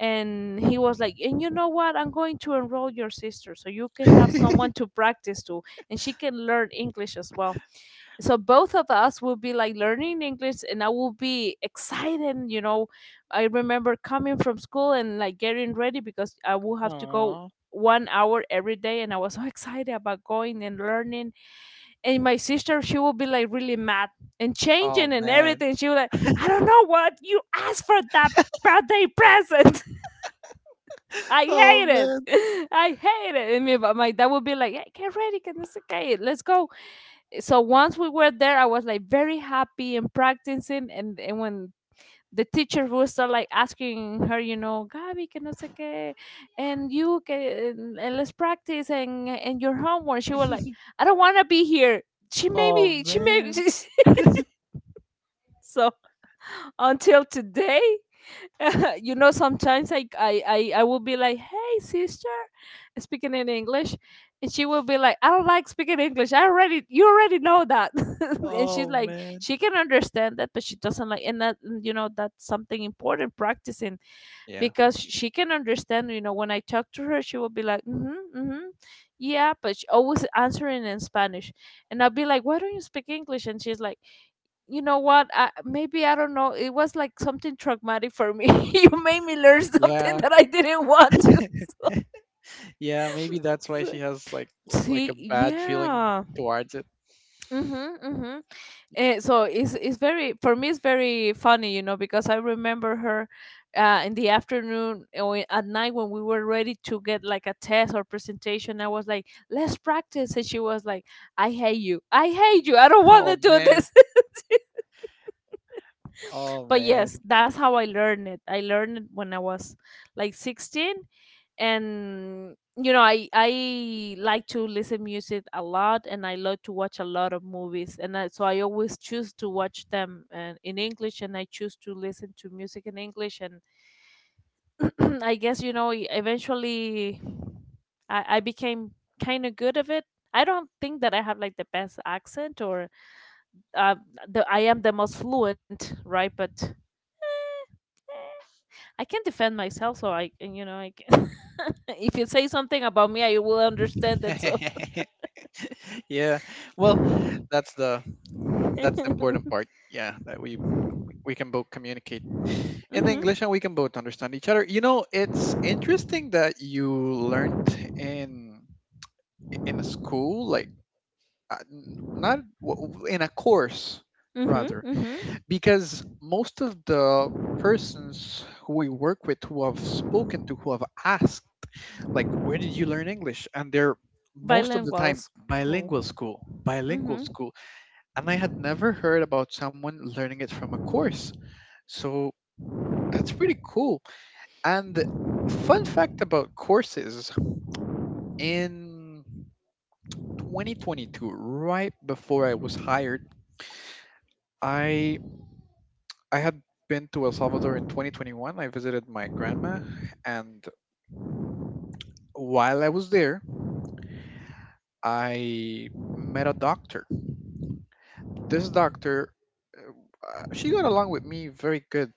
B: And he was like, and you know what, I'm going to enroll your sister so you can have someone to practice to, and she can learn English as well. So both of Us will be like learning English, and I will be excited, you know. I remember coming from school and like getting ready because I would have to go
A: Aw.
B: 1 hour every day, and I was so excited about going and learning. And my sister, she would be like really mad and
A: Oh
B: changing and
A: man.
B: everything. She was like, "I don't know what you asked for that birthday present. I
A: Oh
B: hate
A: man.
B: it. I hate it." And me, but my dad would be like, "Hey, get ready, get this okay, let's go." So once we were there, I was like very happy and practicing. And when the teacher was like asking her, you know, "Gabi, que no sé qué, and you, que, and let's practice and your homework." She was like, "I don't want to be here. She made
A: Oh
B: me. She made me."
A: man.
B: So until today, you know, sometimes I will be like, "Hey, sister," speaking in English, and she will be like, "I don't like speaking English. I already You already know that," and she's
A: Oh
B: like,
A: man.
B: she can understand that, but she doesn't like, and that, you know, that's something important, practicing,
A: Yeah.
B: because she can understand, you know, when I talk to her, she will be like, "Mm-hmm, mm-hmm, yeah," but she always answering in Spanish. And I'll be like, "Why don't you speak English?" And she's like, "You know what, I, maybe I don't know, it was like something traumatic for me. You made me learn something
A: Yeah.
B: that I didn't want
A: Yeah, maybe that's why she
B: to."
A: has like a
B: See,
A: bad feeling
B: yeah.
A: towards it.
B: Mm-hmm, mm-hmm. So it's very, for me it's very funny, you know, because I remember her in the afternoon or at night when we were ready to get like a test or presentation. I was like, "Let's practice," and she was like, "I hate you. I hate you. I don't want
A: Oh
B: to do
A: man.
B: this."
A: Oh
B: But yes,
A: man.
B: that's how I learned it. I learned it when I was like 16, and you know, I like to listen music a lot, and I love to watch a lot of movies, and I, so I always choose to watch them and in English, and I choose to listen to music in English. And I guess, you know, eventually I became kind of good of it. I don't think that I have like the best accent, or uh, the, I am the most fluent, right, but eh, I can defend myself, so I, and, you know, I can. If you say something about me, I will understand that. So
A: Yeah. Well, that's the that's the important part. Yeah, that we can both communicate in
B: mhm,
A: English and we can both understand each other. You know, it's interesting that you learned in in a school like n- not w- w- in a course
B: mhm,
A: rather
B: mhm.
A: because most of the persons who we work with who have spoken to who have asked like where did you learn English and they're most of the
B: Bilingual
A: time bilingual
B: school.
A: school bilingual
B: Mhm,
A: school, and I had never heard about someone learning it from a course. So that's pretty cool. And fun fact about courses in 2022, right before I was hired, I I had been to El Salvador in 2021. I visited my grandma and while I was there, I met a doctor. This doctor, she got along with me very good.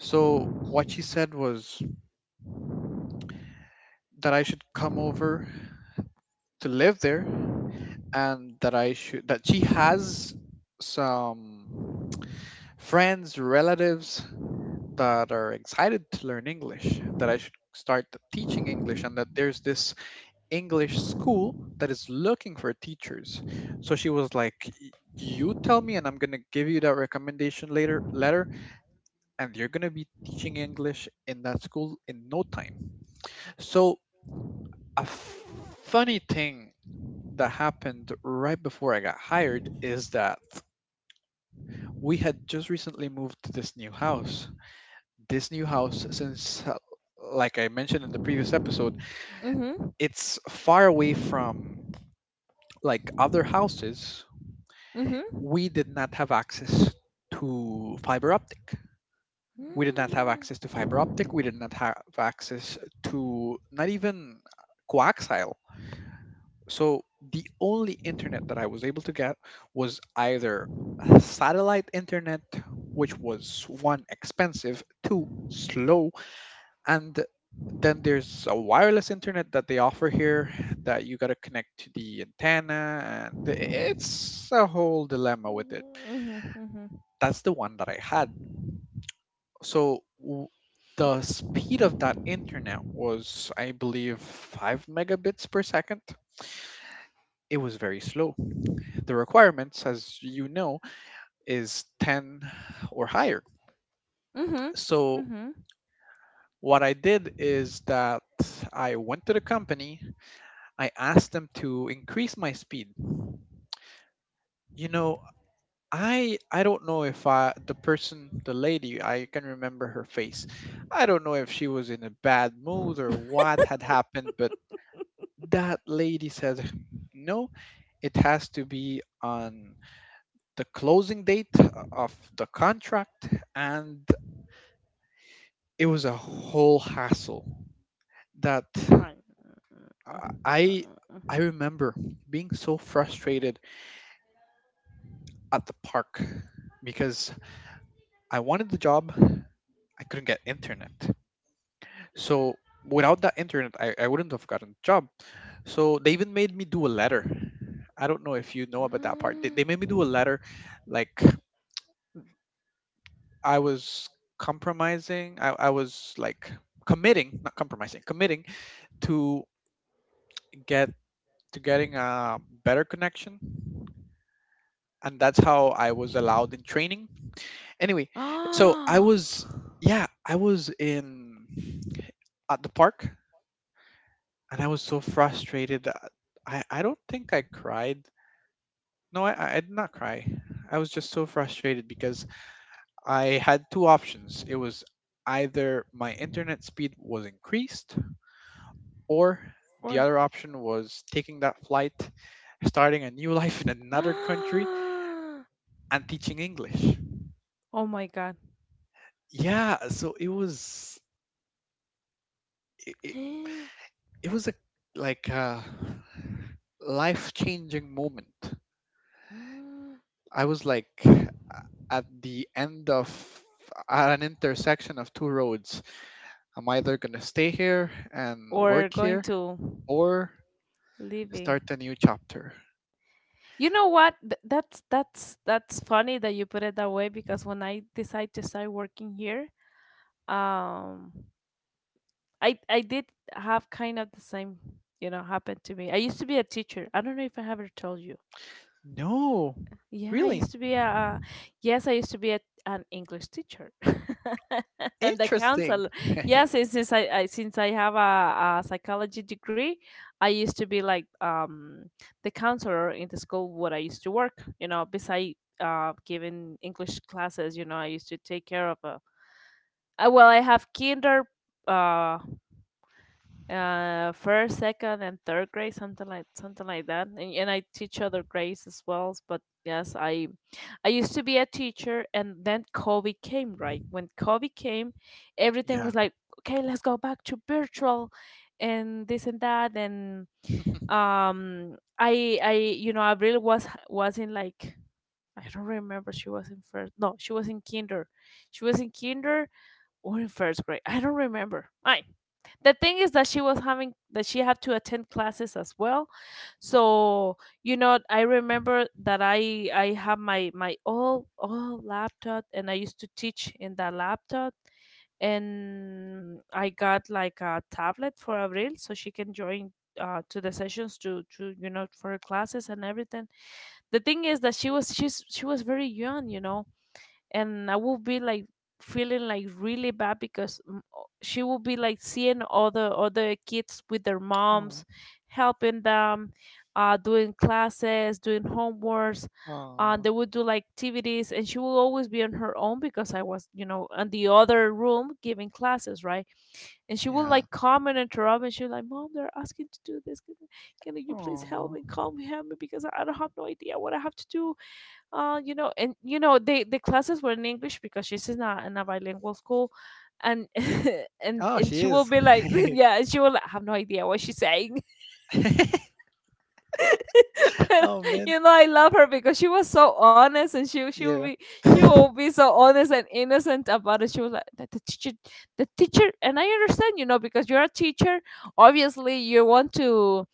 A: So what she said was that I should come over to live there and that I should that she has some friends, relatives that are excited to learn English and that I should start teaching English and that there's this English school that is looking for teachers. So she was like, "Y- you tell me and I'm going to give you that recommendation later letter and you're going to be teaching English in that school in no time. So a f- funny thing that happened right before I got hired is that we had just recently moved to this new house. This new house, since, like I mentioned in the previous episode,
B: mhm,
A: it's far away from like other houses.
B: mhm.
A: We did not have access to fiber optic. We did not have
B: Mm.
A: access to fiber optic. We did not have access to not even coaxial. So the only internet that I was able to get was either satellite internet, which was one expensive, two slow, and then there's a wireless internet that they offer here that you got to connect to the antenna, and it's a whole dilemma with it.
B: Mhm, mhm,
A: That's the one that I had. So w- the speed of that internet was, I believe, five megabits per second. It was very slow. The requirements, as you know, is 10 or higher.
B: mhm,
A: So
B: mhm.
A: what I did is that I went to the company, I asked them to increase my speed. You know, I don't know if I the person, the lady, I can remember her face. I don't know if she was in a bad mood or what had happened, but that lady said, "No, it has to be on the closing date of the contract and it was a whole hassle that
B: I. Uh,
A: I
B: uh, uh.
A: remember being so frustrated at the park because I wanted the job, I couldn't get internet. So without that internet, I wouldn't have gotten the job. So they even made me do a letter. I don't know if you know about that part. They made me do a letter like I was compromising, I was like committing, not compromising, committing to get to getting a better connection. And that's how I was allowed in training. Anyway, so I
B: Ah.
A: was, yeah, I was in at the park and I was so frustrated. I don't think I cried. No, I did not cry. I was just so frustrated because I had two options. It was either my internet speed was increased, or the
B: Or.
A: other option was taking that flight, starting a new life in another country, and teaching English.
B: Oh my god.
A: Yeah, so it was it, it, it was a like a life-changing moment. I was like a- at the end of at an intersection of two roads. I'm either going to stay here and
B: Or
A: work
B: going
A: here
B: to
A: or
B: living.
A: start a new chapter.
B: You know what? That's that's funny that you put it that way, because when I decide to start working here, um I did have kind of the same, you know, happen to me. I used to be a teacher, I don't know if I ever told you.
A: No,
B: Yeah, I
A: really
B: used to be a, yes, I used to be a, an English teacher and the
A: interesting.
B: counselor. Yes, since I since I have a psychology degree, I used to be like, the counselor in the school where I used to work, you know, beside giving English classes. You know, I used to take care of a well, I have kinder, uh first, second, and third grade, something like that. And I teach other grades as well, but yes, I used to be a teacher. And then COVID came. Right when COVID came, everything
A: Yeah.
B: was like, okay, let's go back to virtual and this and that. And I you know, I really was in like, I don't remember, she was in first, no, she was in kinder, she was in kinder or in first grade. I don't remember. I. The thing is that she was having that she had to attend classes as well. So, you know, I remember that I have my old old laptop and I used to teach in that laptop, and I got like a tablet for Avril so she can join to the sessions to you know, for her classes and everything. The thing is that she was very young, you know, and I will be like feeling like really bad because, she will be like seeing other kids with their
A: Oh,
B: moms helping them, doing classes, doing homeworks.
A: aw,
B: They would do like activities, and she will always be on her own because I was, you know, in the other room giving classes, right? And she would
A: yeah.
B: like come and interrupt, and she was like, "Mom, they're asking to do this, can you please help
A: Oh,
B: me, call me, help me, because I don't have no idea what I have to do." You know, and you know, the classes were in English because she's in a bilingual school, and
A: oh,
B: and
A: she
B: she will
A: is.
B: be like, yeah, and she will like, have no idea what she's saying, but
A: Oh man.
B: you know, I love her because she was so honest, and she will be,
A: Yeah.
B: so honest and innocent about it. She was like, the teacher, and I understand, you know, because you're a teacher, obviously you want to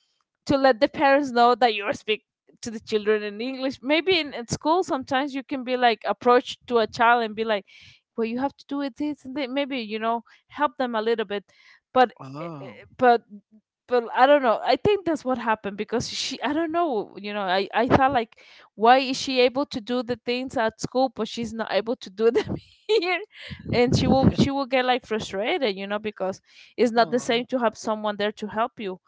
B: let the parents know that you speak to the children in English. Maybe in school, sometimes you can be like approach to a child and be like, "Well, you have to do it this and that." Maybe, you know, help them a little bit, but eh, eh,
A: Oh.
B: but but I don't know. I think that's what happened because she. I don't know. You know, I thought like, why is she able to do the things at school, but she's not able to do them here, and she will get like frustrated, you know, because it's not the
A: Oh.
B: same to have someone there to help you.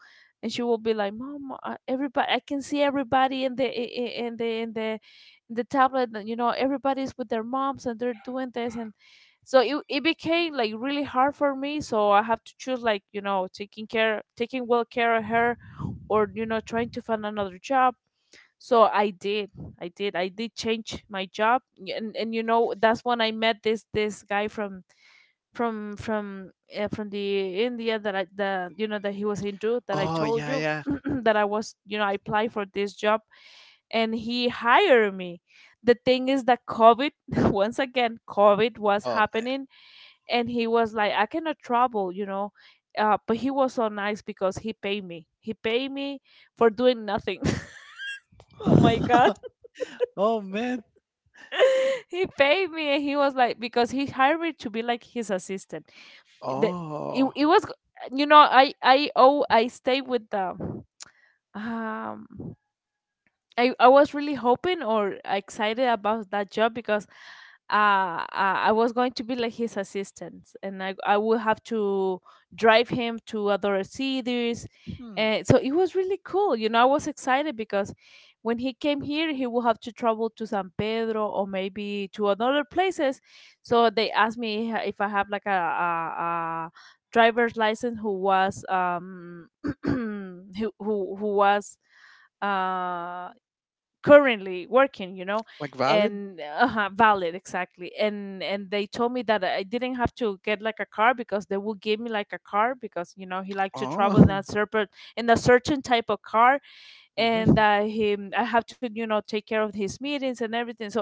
B: And she will be like, "Mom, everybody, I can see everybody in the in the in the tablet, and you know, everybody's with their moms and they're doing this." And so it became like really hard for me. So I have to choose, like, you know, taking care, taking well care of her, or you know, trying to find another job. So I did, I did change my job, and you know, that's when I met this guy from from from from the India, that I the you know, that he was into that, I
A: Oh
B: told
A: yeah,
B: you,
A: yeah.
B: that I was, you know, I applied for this job, and he hired me. The thing is that COVID, once again, COVID was
A: Oh man.
B: happening, and he was like, "I cannot travel, you know." But he was so nice because he paid me. He paid me for doing nothing. Oh my god.
A: Oh man.
B: He paid me, and he was like, because he hired me to be like his assistant, that it,
A: Oh.
B: it was, you know, I oh, I stay with the um I was really hoping or excited about that job because I was going to be like his assistant, and I would have to drive him to other cities,
A: Hmm.
B: and so it was really cool. You know, I was excited because when he came here, he would have to travel to San Pedro or maybe to other places. So they asked me if I have like a driver's license who was, who was uh currently working, you know.
A: Like valid?
B: And valid, exactly. And they told me that I didn't have to get like a car, because they would give me like a car, because, you know, he liked to travel
A: Oh.
B: in a certain type of car, and
A: Mhm.
B: that he, I have to, you know, take care of his meetings and everything. So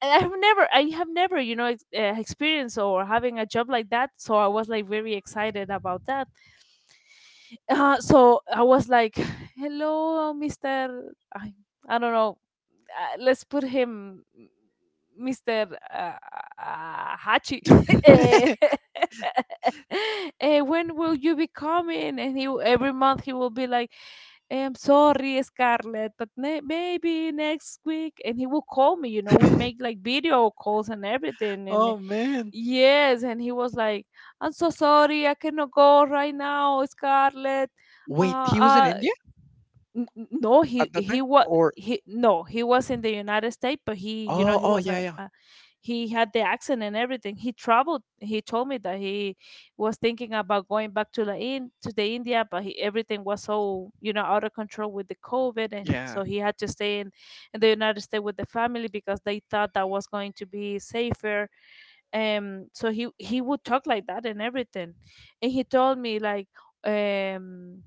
B: and I have never, you know, experienced or having a job like that, so I was like very excited about that. So I was like, "Hello, Mr., i, I don't know, let's put him, Mr. Hachi." Eh, when will you be coming? And he, every month he will be like, "I'm sorry, Scarlett, but maybe next week." And he will call me. You know, we make like video calls and everything. And
A: Oh man.
B: yes, and he was like, "I'm so sorry, I cannot go right now, Scarlett." Uh,
A: Wait, he was in
B: uh,
A: India
B: N- n- no he
A: at that
B: he
A: time?
B: was
A: Or
B: he was in the United States, but he you know
A: oh
B: he
A: oh
B: was
A: yeah yeah.
B: a he had the accent and everything. He traveled. He told me that he was thinking about going back to the in to the India, but everything was so out of control with the COVID, and
A: Yeah.
B: so he had to stay in the United States with the family because they thought that was going to be safer. So he would talk like that and everything, and he told me like, um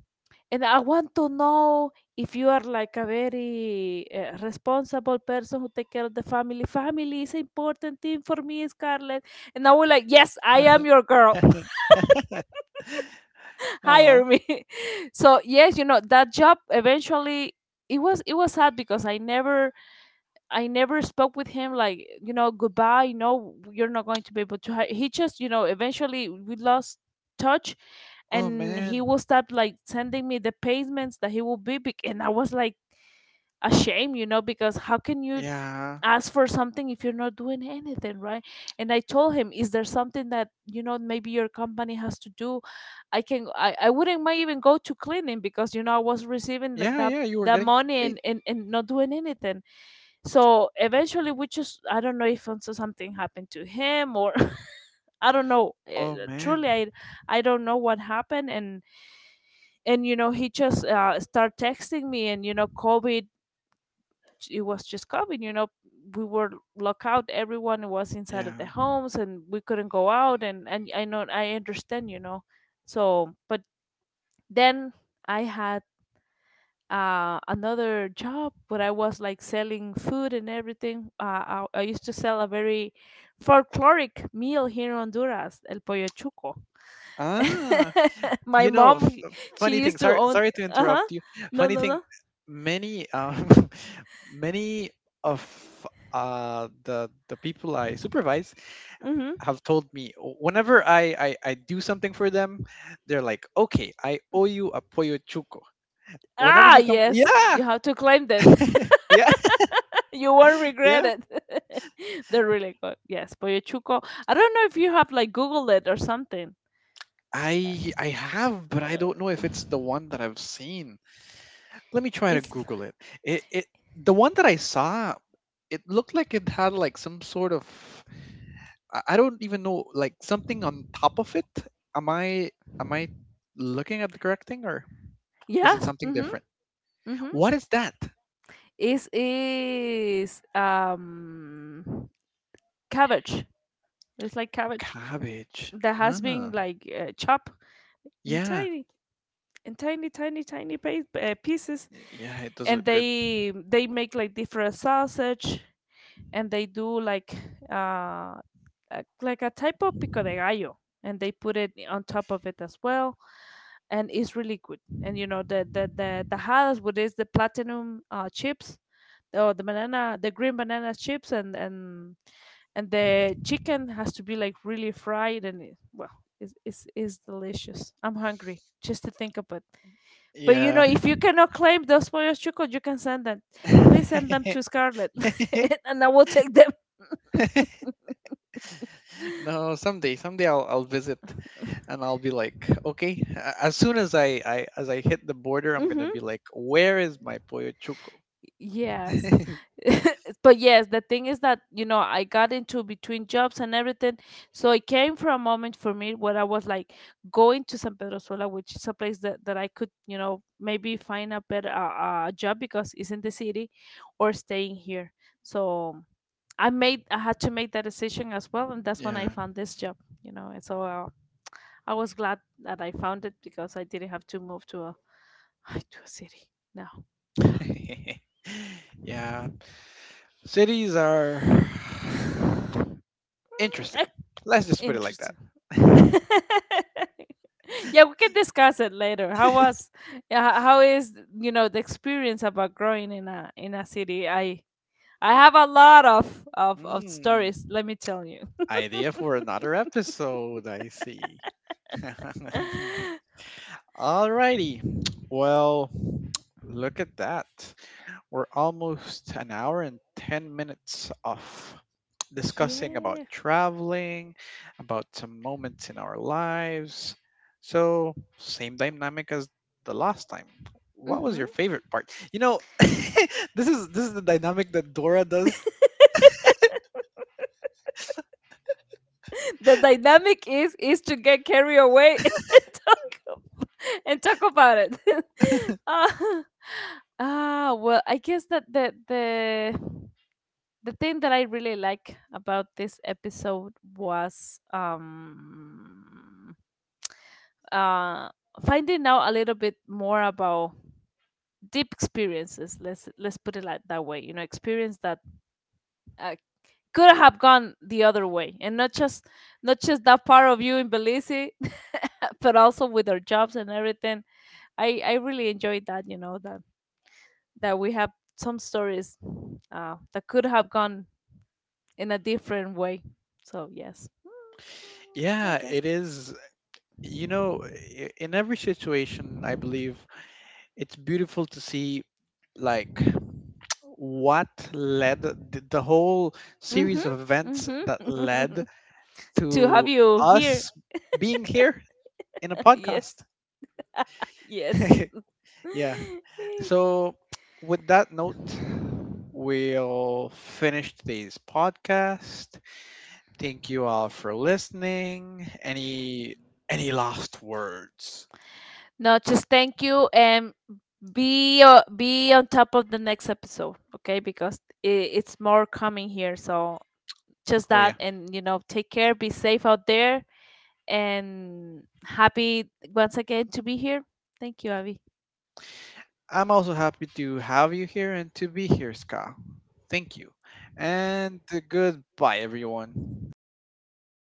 B: and I want to know if you are like a very responsible person who take care of the family. Family is an important thing for me, Scarlett. And I was like, yes, I am your girl.
A: uh,
B: Hire me. So yes, you know that job eventually, it was sad because I never, I never spoke with him like, you know, goodbye. No, you're not going to be able to. He just, you know, eventually we lost touch,
A: oh
B: and he
A: man.
B: will stop like sending me the payments that he will be, and I was like ashamed, you know, because how can you
A: Yeah.
B: ask for something if you're not doing anything, right? And I told him, is there something that you know maybe your company has to do? I can I wouldn't mind even go to cleaning because you know I was receiving that
A: Yeah,
B: that
A: yeah, you were
B: that
A: getting
B: money
A: paid.
B: and not doing anything. So eventually, I don't know if also something happened to him, or I don't know.
A: Oh
B: Truly,
A: man.
B: I don't know what happened. And you know, he just started texting me and, you know, COVID, it was just COVID, you know, we were locked out. Everyone was inside
A: Yeah.
B: of the homes and we couldn't go out. And I know, I understand, you know. So, but then I had another job where I was like selling food and everything. I used to sell a very folkloric meal here in Honduras, el pollo chuco.
A: Ah,
B: My
A: you know
B: mom,
A: f- funny
B: she
A: thing,
B: used to
A: sorry
B: own.
A: sorry to
B: Uh huh.
A: interrupt you
B: No,
A: funny
B: no,
A: thing
B: no.
A: many many of the people I supervise
B: Mm-hmm.
A: have told me, "Oh, whenever I do something for them they're like okay I owe you a pollo chuco whenever
B: Ah,
A: you come
B: yes.
A: yeah
B: You have to claim them.
A: yeah.
B: You won't regret
A: Yeah,
B: it. They're really good. Yes, pollo chuco. I don't know if you have like Googled it or something.
A: I have but I don't know
B: Uh,
A: if it's the one that I've seen, let me try to
B: it's.
A: google it. It the one that I saw it looked like it had like some sort of I don't even know, like something on top of it. Am I am I looking at the correct thing or is it
B: Yes.
A: something
B: Mm-hmm.
A: different?
B: Mm-hmm.
A: What is that?
B: Is cabbage. It's like cabbage
A: Cabbage.
B: that has been
A: Ah,
B: like chopped in
A: yeah,
B: tiny and tiny pieces,
A: yeah. It does
B: and
A: look good.
B: they make like different sausage, and they do uh like a type of pico de gallo, and they put it on top of it as well, and it's really good. And you know the the tajadas, what is the platinum chips, or the banana, the green banana chips, and and the chicken has to be like really fried. And it's delicious. I'm hungry just to think of it. But you
A: Yeah.
B: know if you cannot claim those pollos chucos, you can send them, please send them to Scarlett. And I will take them.
A: No, someday, someday I'll visit, and I'll be like, okay. a- As soon as I as I hit the border, I'm gonna
B: Mm-hmm.
A: be like, where is my pollo chuco?
B: Yes. But yes, the thing is that, you know, I got into between jobs and everything. So it came from a moment for me where I was like going to San Pedro Sula, which is a place that I could, you know, maybe find a better job because it's in the city, or staying here. So I had to make that decision as well. And that's when I
A: Yeah.
B: found this job, you know. And so I was glad that I found it because I didn't have to move to to a city now.
A: Yeah. Cities are
B: Ac-
A: interesting. Let's just put it like
B: Interesting.
A: that.
B: Yeah, we can discuss it later. How was yeah, how is you know the experience about growing in a city? I have a lot of of
A: mm,
B: stories, let me tell you.
A: idea for another episode, I see. Alrighty. Well, look at that. We're almost an hour and 10 minutes off discussing about
B: Yeah.
A: traveling, about some moments in our lives. So, same dynamic as the last time. What was
B: Hmm.
A: your favorite part? You know, this is the dynamic that Dora does.
B: The dynamic is to get carried away and talk about it. Ah, ah, well, I guess that the thing that I really like about this episode was uh finding out a little bit more about deep experiences. Let's put it like that way. You know, experience that uh, could have gone the other way, and not just, not just that part of you in Belize. But also with our jobs and everything, I really enjoyed that, you know, that that we have some stories that could have gone in a different way. So yes, I
A: Yeah,
B: guess.
A: it is. You know, I- in every situation, I believe it's beautiful to see like what led the whole series
B: Mm-hmm.
A: of events that
B: Mm-hmm.
A: led
B: To have
A: to
B: you here.
A: us being here in a
B: Yes.
A: podcast.
B: Yes.
A: Yeah. So, with that note, we'll finish today's podcast. Thank you all for listening. Any last words?
B: No, just thank you, and be on top of the next episode, okay? Because it's more coming here. So just
A: Oh
B: that,
A: yeah.
B: and you know, take care, be safe out there, and happy once again to be here. Thank you, Abby.
A: I'm also happy to have you here and to be here, Ska. Thank you. And goodbye everyone.
B: Bye.